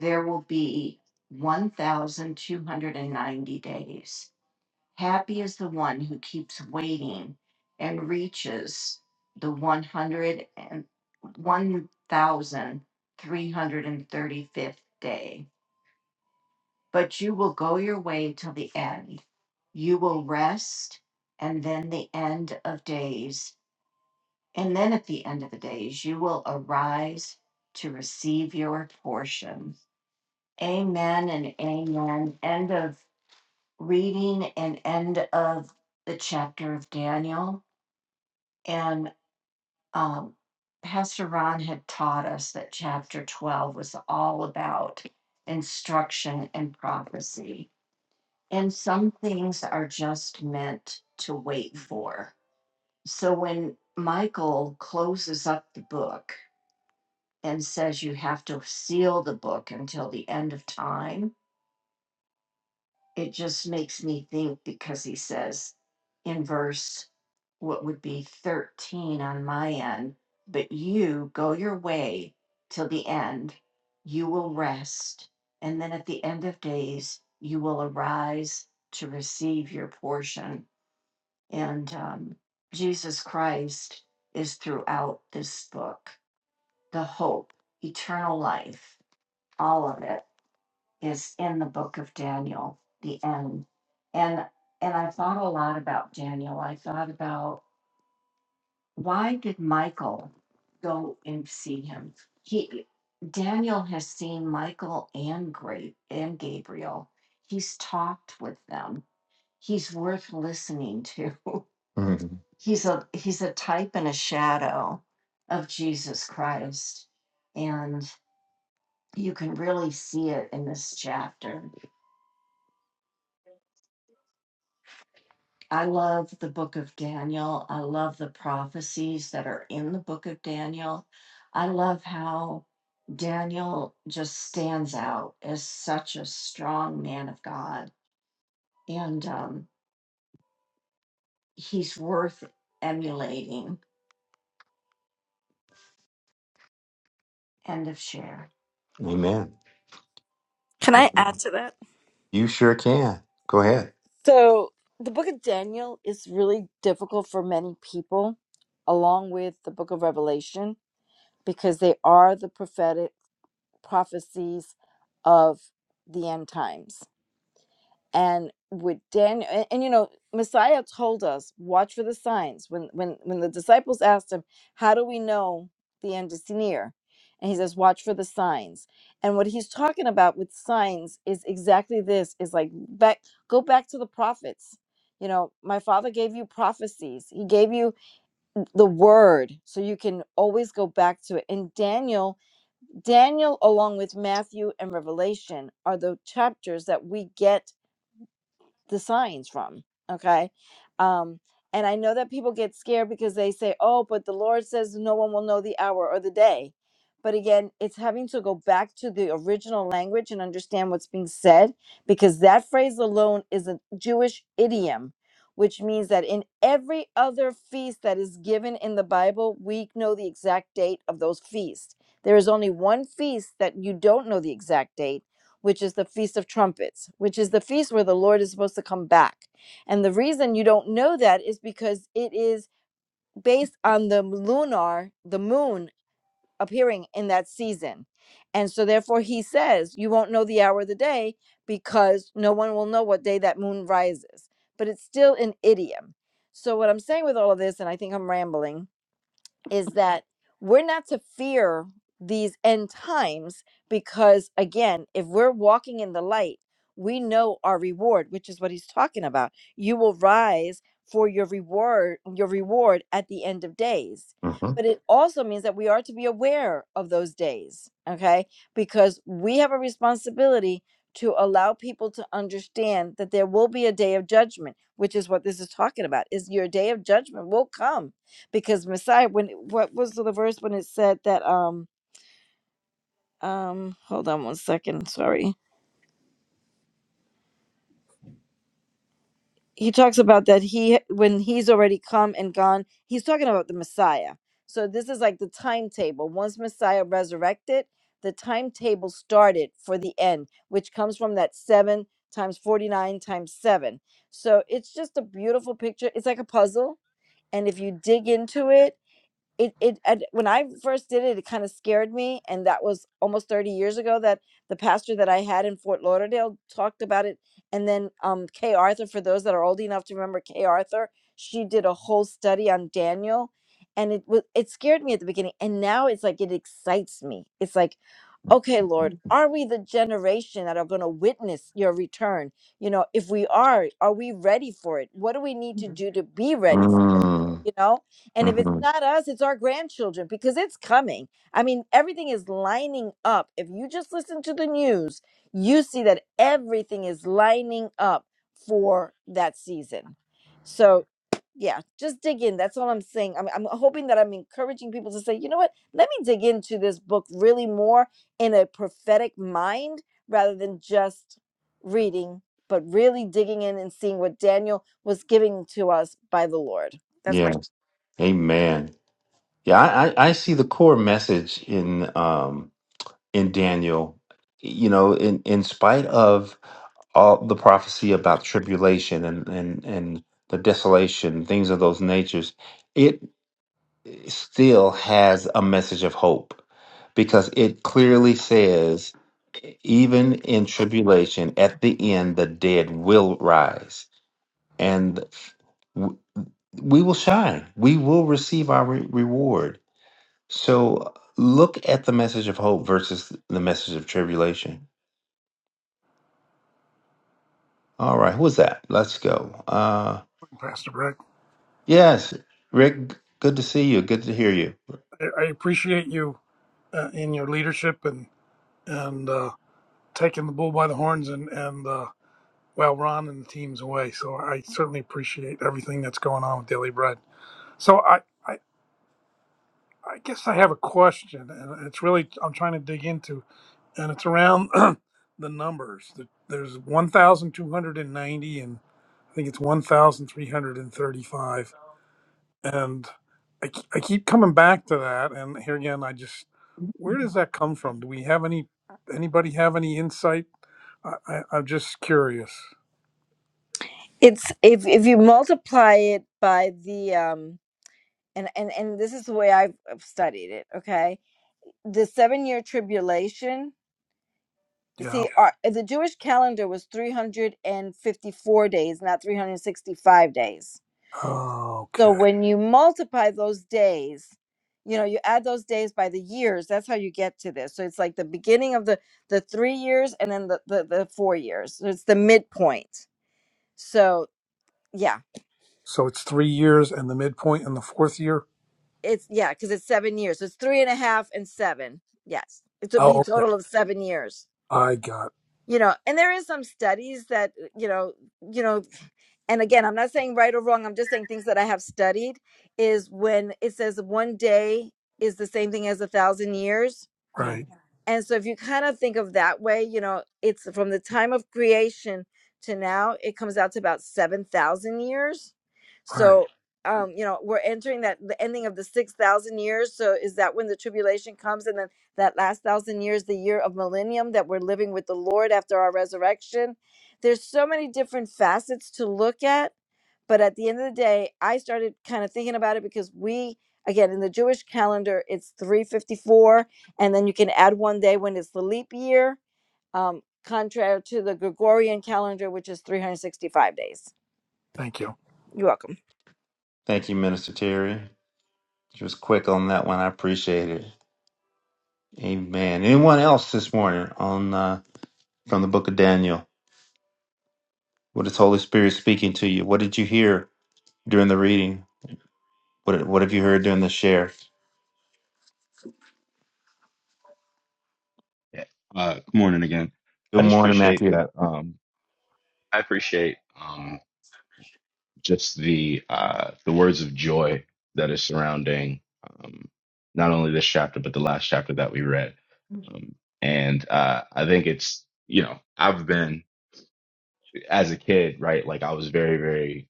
S1: there will be 1,290 days. Happy is the one who keeps waiting and reaches the one hundred and one thousand three hundred and thirty-fifth day. But you will go your way till the end. You will rest, and then the end of days and then at the end of the days, you will arise to receive your portion. Amen and amen. End of reading and end of the chapter of Daniel. And um, Pastor Ron had taught us that chapter 12 was all about instruction and prophecy. And some things are just meant to wait for. So when Michael closes up the book, and says you have to seal the book until the end of time, it just makes me think because he says in verse what would be 13 on my end, but you go your way till the end, you will rest, and then at the end of days, you will arise to receive your portion. And um, Jesus Christ is throughout this book, the hope, eternal life, all of it is in the book of Daniel, the end. And and I thought a lot about Daniel. I thought about why did Michael go and see him? He Daniel has seen Michael and great and Gabriel. He's talked with them. He's worth listening to. Mhm. He's a he's a type and a shadow of Jesus Christ. And you can really see it in this chapter I love the book of Daniel. I love the prophecies that are in the book of Daniel. I love how Daniel just stands out as such a strong man of God, and um, he's worth emulating. End of share. Amen.
S8: Can I add to that?
S1: You sure can. Go ahead.
S8: So the book of Daniel is really difficult for many people, along with the book of Revelation, because they are the prophetic prophecies of the end times and with Daniel and, and, you know Messiah told us watch for the signs when when when the disciples asked him how do we know the end is near and he says watch for the signs and what he's talking about with signs is exactly this is like back go back to the prophets you know my father gave you prophecies he gave you the word so you can always go back to it and Daniel Daniel along with Matthew and Revelation are the chapters that we get the signs from okay um and i know that people get scared because they say oh but the lord says no one will know the hour or the day but again it's having to go back to the original language and understand what's being said because that phrase alone is a jewish idiom which means that in every other feast that is given in the bible we know the exact date of those feasts there is only one feast that you don't know the exact date which is the Feast of Trumpets, which is the feast where the Lord is supposed to come back. And the reason you don't know that is because it is based on the lunar, the moon appearing in that season. And so, therefore, he says, You won't know the hour of the day because no one will know what day that moon rises. But it's still an idiom. So, what I'm saying with all of this, and I think I'm rambling, is that we're not to fear these end times because again if we're walking in the light we know our reward which is what he's talking about you will rise for your reward your reward at the end of days
S1: hmm
S8: but it also means that we are to be aware of those days okay because we have a responsibility to allow people to understand that there will be a day of judgment which is what this is talking about is your day of judgment will come because Messiah when what was the verse when it said that um um hold on one second sorry he talks about that he when he's already come and gone he's talking about the Messiah so this is like the timetable once Messiah resurrected the timetable started for the end which comes from that 7 times 49 times 7 so it's just a beautiful picture it's like a puzzle and if you dig into it it it I, when I first did it, it kind of scared me, and that was almost thirty years ago. That the pastor that I had in Fort Lauderdale talked about it, and then um, Kay Arthur, for those that are old enough to remember Kay Arthur, she did a whole study on Daniel, and it was it scared me at the beginning, and now it's like it excites me. It's like Okay, Lord, are we the generation that are going to witness your return? You know, if we are, are we ready for it? What do we need to
S1: Mhm.
S8: do to be ready for it?
S1: Mm,
S8: You know, and if it's
S1: hmm
S8: not us, it's our grandchildren because it's coming. I mean, everything is lining up. If you just listen to the news, you see that everything is lining up for that season. So, yeah, just dig in. That's all I'm saying. I'm, I'm hoping that I'm encouraging people to say, you know what? Let me dig into this book really more in a prophetic mind rather than just reading, but really digging in and seeing what Daniel was giving to us by the Lord. That's my.
S1: Yes. Amen. Yeah, I, I, I see the core message in. um. in Daniel, you know, in, in spite of all the prophecy about tribulation and, and, and the desolation, things of those natures, it still has a message of hope because it clearly says, even in tribulation, at the end, the dead will rise and w- we will shine. We will receive our re- reward. So look at the message of hope versus the message of tribulation. All right, who's that? Let's go. Uh,
S12: Pastor Breck.
S1: yes, Rick, g- good to see you. Good to hear you.
S12: I, I appreciate you uh, in your leadership and and uh, taking the bull by the horns and and uh, well, Ron and the team's away. So I certainly appreciate everything that's going on with Daily Bread. So I. I I guess I have a question, and it's really I'm trying to dig into, and it's around the numbers. There- There's 1,290, and I think it's 1,335 and I, k- I keep coming back to that and here again i just where does that come from do we have any anybody have any insight i, I i'm just curious
S8: It's if if you multiply it by the um and and and this is the way I've I've studied it. Okay, the seven year tribulation.
S12: yeah
S8: See, our, the Jewish calendar was 354 days, not 365 days So
S12: okay
S8: when you multiply those days, you know, you add those days by the years, that's how you get to this. So it's like the beginning of the the three years and then the the, the four years. So it's the midpoint. So yeah,
S12: so it's three years and the midpoint in the fourth year
S8: it's yeah, because it's seven years. So it's three and a half and seven. Yes. It would be a
S12: oh okay
S8: total of seven years.
S12: i got
S8: You know, and there is some studies that, uh, you know, you know, and again, I'm not saying right or wrong, I'm just saying things that I have studied is when it says one day is the same thing as a thousand years
S1: Yeah.
S12: right
S8: And so if you kind of think of that way, you know, it's from the time of creation to now, it comes out to about 7,000 years.
S12: all right
S8: So, um, you know, we're entering that the ending of the 6,000 years. So is that when the tribulation comes and then that last 1,000 years the year of millennium that we're living with the Lord after our resurrection? There's so many different facets to look at but at the end of the day i started kind of thinking about it because we again in the jewish calendar it's 354 and then you can add one day when it's the leap year um, contrary to the gregorian calendar which is 365 days
S12: thank you
S8: you're welcome
S1: Thank you, Minister Terry. She was quick on that one. I appreciate it. Amen. Anyone else this morning on uh, from the book of Daniel? What is Holy Spirit speaking to you? What did you hear during the reading? What What have you heard during the share?
S5: Yeah. Uh, good morning again. I
S1: Good
S5: just
S1: morning,
S5: appreciate
S1: Matthew.
S5: that. Um, I appreciate um, just the uh, the words of joy that is surrounding um, not only this chapter but the last chapter that we read. Um, and uh, I think it's you know I've been as a kid right like I was very very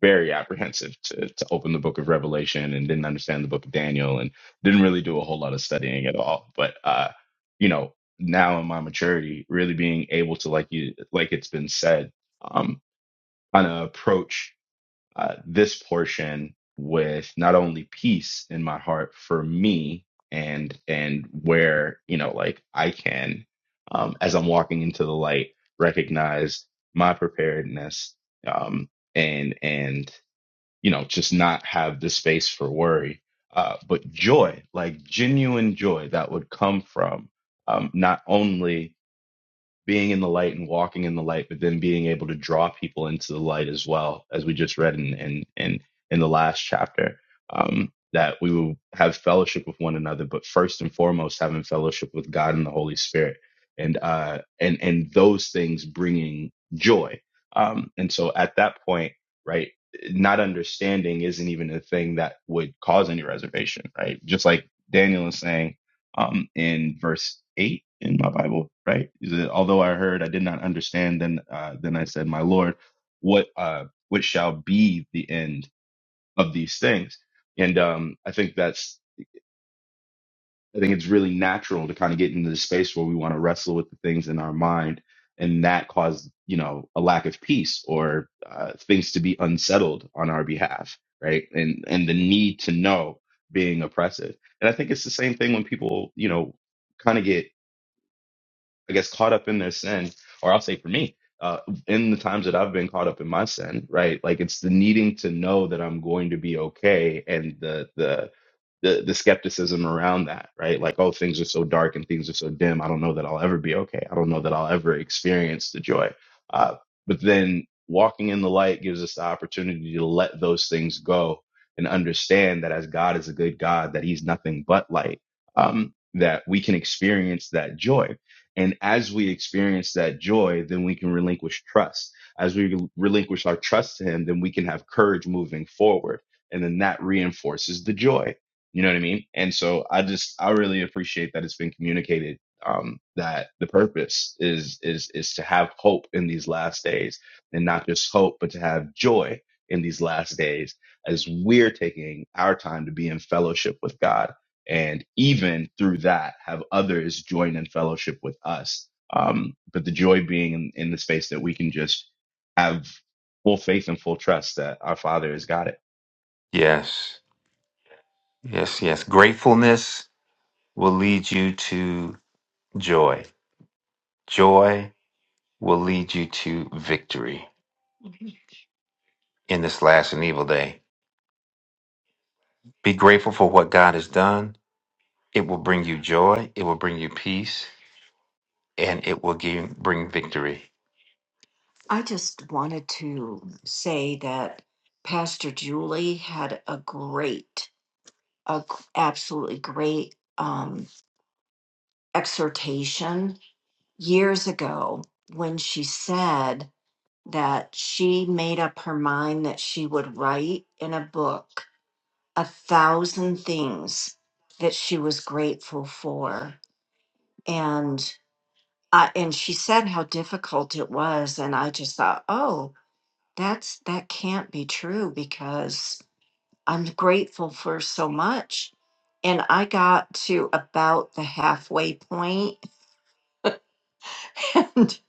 S5: very apprehensive to, to open the book of Revelation and didn't understand the book of Daniel and didn't really do a whole lot of studying at all. But uh, you know, now in my maturity, really being able to like you like it's been said, um, kind of approach uh, this portion with not only peace in my heart for me and and where you know like I can um, as I'm walking into the light recognize my preparedness um, and and you know, just not have the space for worry. Uh, but joy, like genuine joy that would come from um, not only being in the light and walking in the light, but then being able to draw people into the light as well, as we just read in in in, in the last chapter. Um, that we will have fellowship with one another, but first and foremost, having fellowship with God and the Holy Spirit, and uh, and and those things bringing joy. Um, and so at that point, right, not understanding isn't even a thing that would cause any reservation, right? Just like Daniel is saying, um, in verse eight in my Bible, right? Is it, Although I heard, I did not understand. Then, uh, then I said, "My Lord, what uh, what shall be the end of these things?" And um, I think that's I think it's really natural to kind of get into the space where we want to wrestle with the things in our mind, and that caused you know a lack of peace or uh, things to be unsettled on our behalf, right? And and the need to know being oppressive. And I think it's the same thing when people you know kind of get I guess, caught up in their sin, or I'll say for me, uh, in the times that I've been caught up in my sin, right? Like it's the needing to know that I'm going to be okay, and the the the, the skepticism around that, right? Like, oh, things are so dark and things are so dim. I don't know that I'll ever be okay. I don't know that I'll ever experience the joy. Uh, but then walking in the light gives us the opportunity to let those things go and understand that as God is a good God, that He's nothing but light, um, that we can experience that joy and as we experience that joy, then we can relinquish trust. As we relinquish our trust to Him, then we can have courage moving forward. And then that reinforces the joy. You know what I mean? And so I just, I really appreciate that it's been communicated um, that the purpose is, is, is to have hope in these last days and not just hope, but to have joy in these last days as we're taking our time to be in fellowship with God and even through that have others join in fellowship with us um, but the joy being in, in the space that we can just have full faith and full trust that our father has got it
S1: Yes, yes, yes. Gratefulness will lead you to joy. Joy will lead you to victory. in this last and evil day. Be grateful for what God has done. It will bring you joy, it will bring you peace, and it will give, bring victory. I just wanted to say that Pastor Julie had a great, a g- absolutely great um, exhortation years ago when she said that she made up her mind that she would write in a book a thousand things that she was grateful for and uh, and she said how difficult it was and i just thought oh that's that can't be true because i'm grateful for so much and i got to about the halfway point and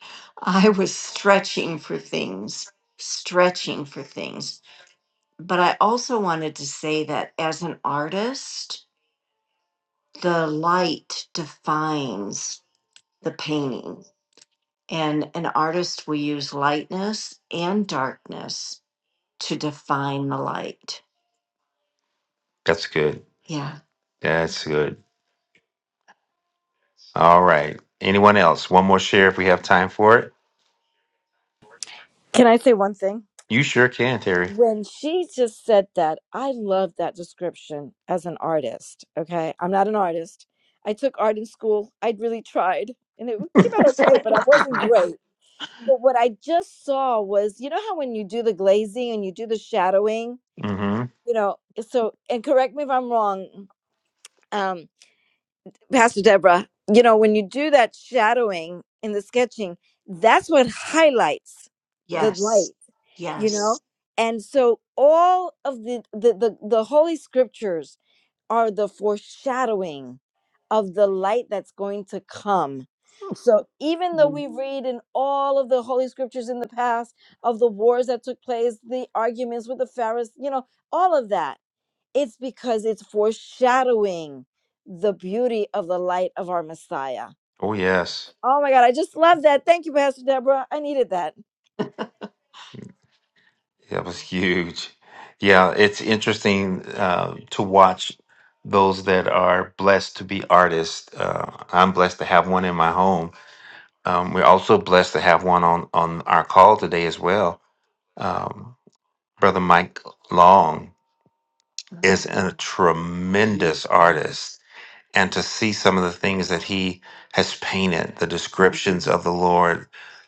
S1: i was stretching for things stretching for things but i also wanted to say that as an artist the light defines the painting and an artist will use lightness and darkness to define the light That's good. yeah That's good. All right. Anyone else? One more share if we have time for it.
S8: can i say one thing
S1: You sure can, Terry.
S8: when she just said that i love that description as an artist okay i'm not an artist i took art in school i really tried and it came out okay but i wasn't great But what I just saw was, you know how when you do the glazing and you do the shadowing,
S1: Mm-hmm.
S8: you know, so and correct me if I'm wrong, um, Pastor Deborah, you know, when you do that shadowing in the sketching, that's what highlights the
S1: yes
S8: light, you
S1: yes
S8: know? And so all of the the the, the holy scriptures are the foreshadowing of the light that's going to come. So even though
S1: Mm.
S8: we read in all of the holy scriptures in the past of the wars that took place, the arguments with the Pharisees, you know, all of that, it's because it's foreshadowing the beauty of the light of our Messiah.
S1: Oh yes.
S8: Oh my God, I just love that. Thank you, Pastor Deborah. I needed that.
S1: That was huge. Yeah, it's interesting uh, to watch those that are blessed to be artists. Uh, I'm blessed to have one in my home. Um, we're also blessed to have one on on our call today as well. Um, Brother Mike Long is a tremendous artist and to see some of the things that he has painted the descriptions of the lord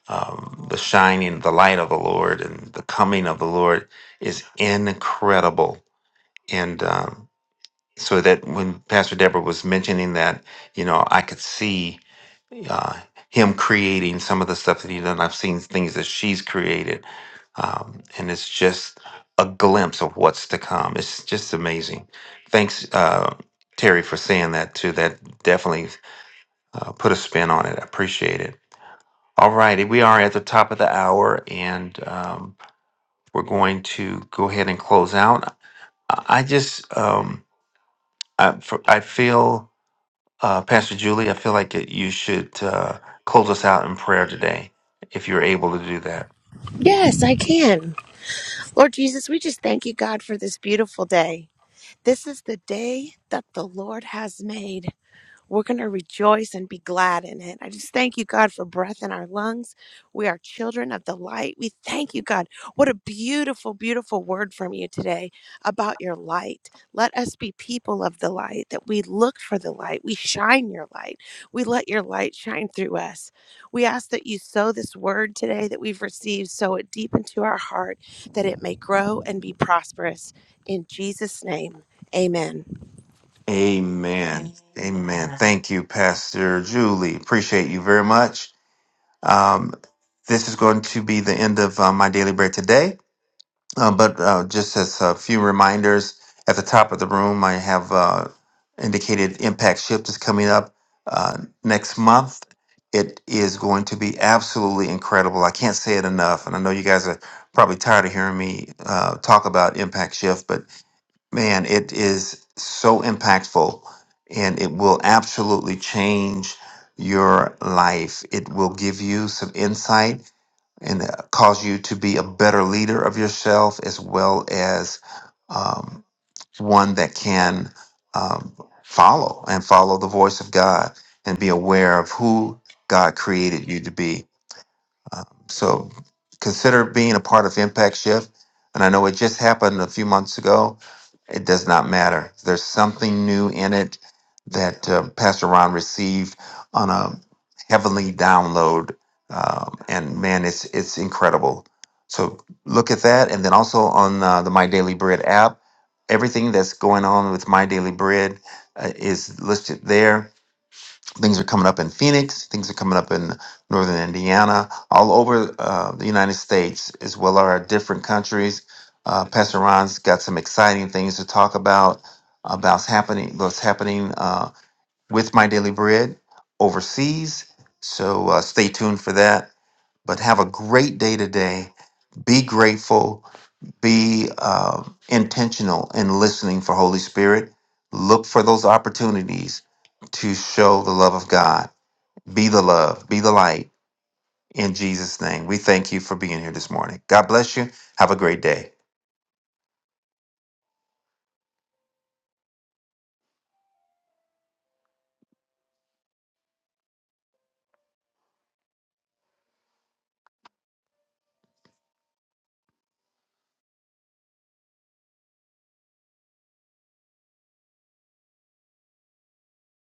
S1: um, the shining the light of the lord and the coming of the lord is incredible and um, so that when Pastor Deborah was mentioning that, you know, I could see uh, him creating some of the stuff that he done. I've seen things that she's created, um, and it's just a glimpse of what's to come. It's just amazing. Thanks, uh, Terry, for saying that too. That definitely uh, put a spin on it. I appreciate it. All righty, we are at the top of the hour, and um, we're going to go ahead and close out. I I just, um, I, I feel. Uh, Pastor Julie, I feel like it, you should uh, close us out in prayer today, if you're able to do that.
S7: Yes, I can. Lord Jesus, we just thank you, God, for this beautiful day. This is the day that the Lord has made. We're going to rejoice and be glad in it. I just thank you, God, for breath in our lungs. We are children of the light. We thank you, God. What a beautiful, beautiful word from you today about your light. Let us be people of the light, that we look for the light. We shine your light. We let your light shine through us. We ask that you sow this word today that we've received, sow it deep into our heart, that it may grow and be prosperous. In Jesus' name, amen.
S1: Amen. Amen. Thank you, Pastor Julie. Appreciate you very much. Um, this is going to be the end of uh, my daily bread today. Uh, but uh, just as a few reminders, at the top of the room, I have uh, indicated Impact Shift is coming up uh, next month. It is going to be absolutely incredible. I can't say it enough, and I know you guys are probably tired of hearing me uh, talk about Impact Shift, but man, it is so impactful, and it will absolutely change your life. It will give you some insight and uh, cause you to be a better leader of yourself as well as um, one that can um, follow and follow the voice of God and be aware of who God created you to be um, so consider being a part of Impact Shift. And I know it just happened a few months ago. It does not matter. There's something new in it that uh, Pastor Ron received on a heavenly download. Um, and man, it's, it's incredible. So look at that. And then also on uh, the My Daily Bread app, everything that's going on with My Daily Bread uh, is listed there Things are coming up in Phoenix. Things are coming up in Northern Indiana, all over uh, the United States, as well as our different countries. Uh, Pastor Ron's got some exciting things to talk about about happening, what's happening uh, with My Daily Bread overseas. So uh, stay tuned for that. But have a great day today. Be grateful. Be uh, intentional in listening for Holy Spirit. Look for those opportunities to show the love of God be the love, be the light. In Jesus' name, we thank you for being here this morning. God bless you. Have a great day.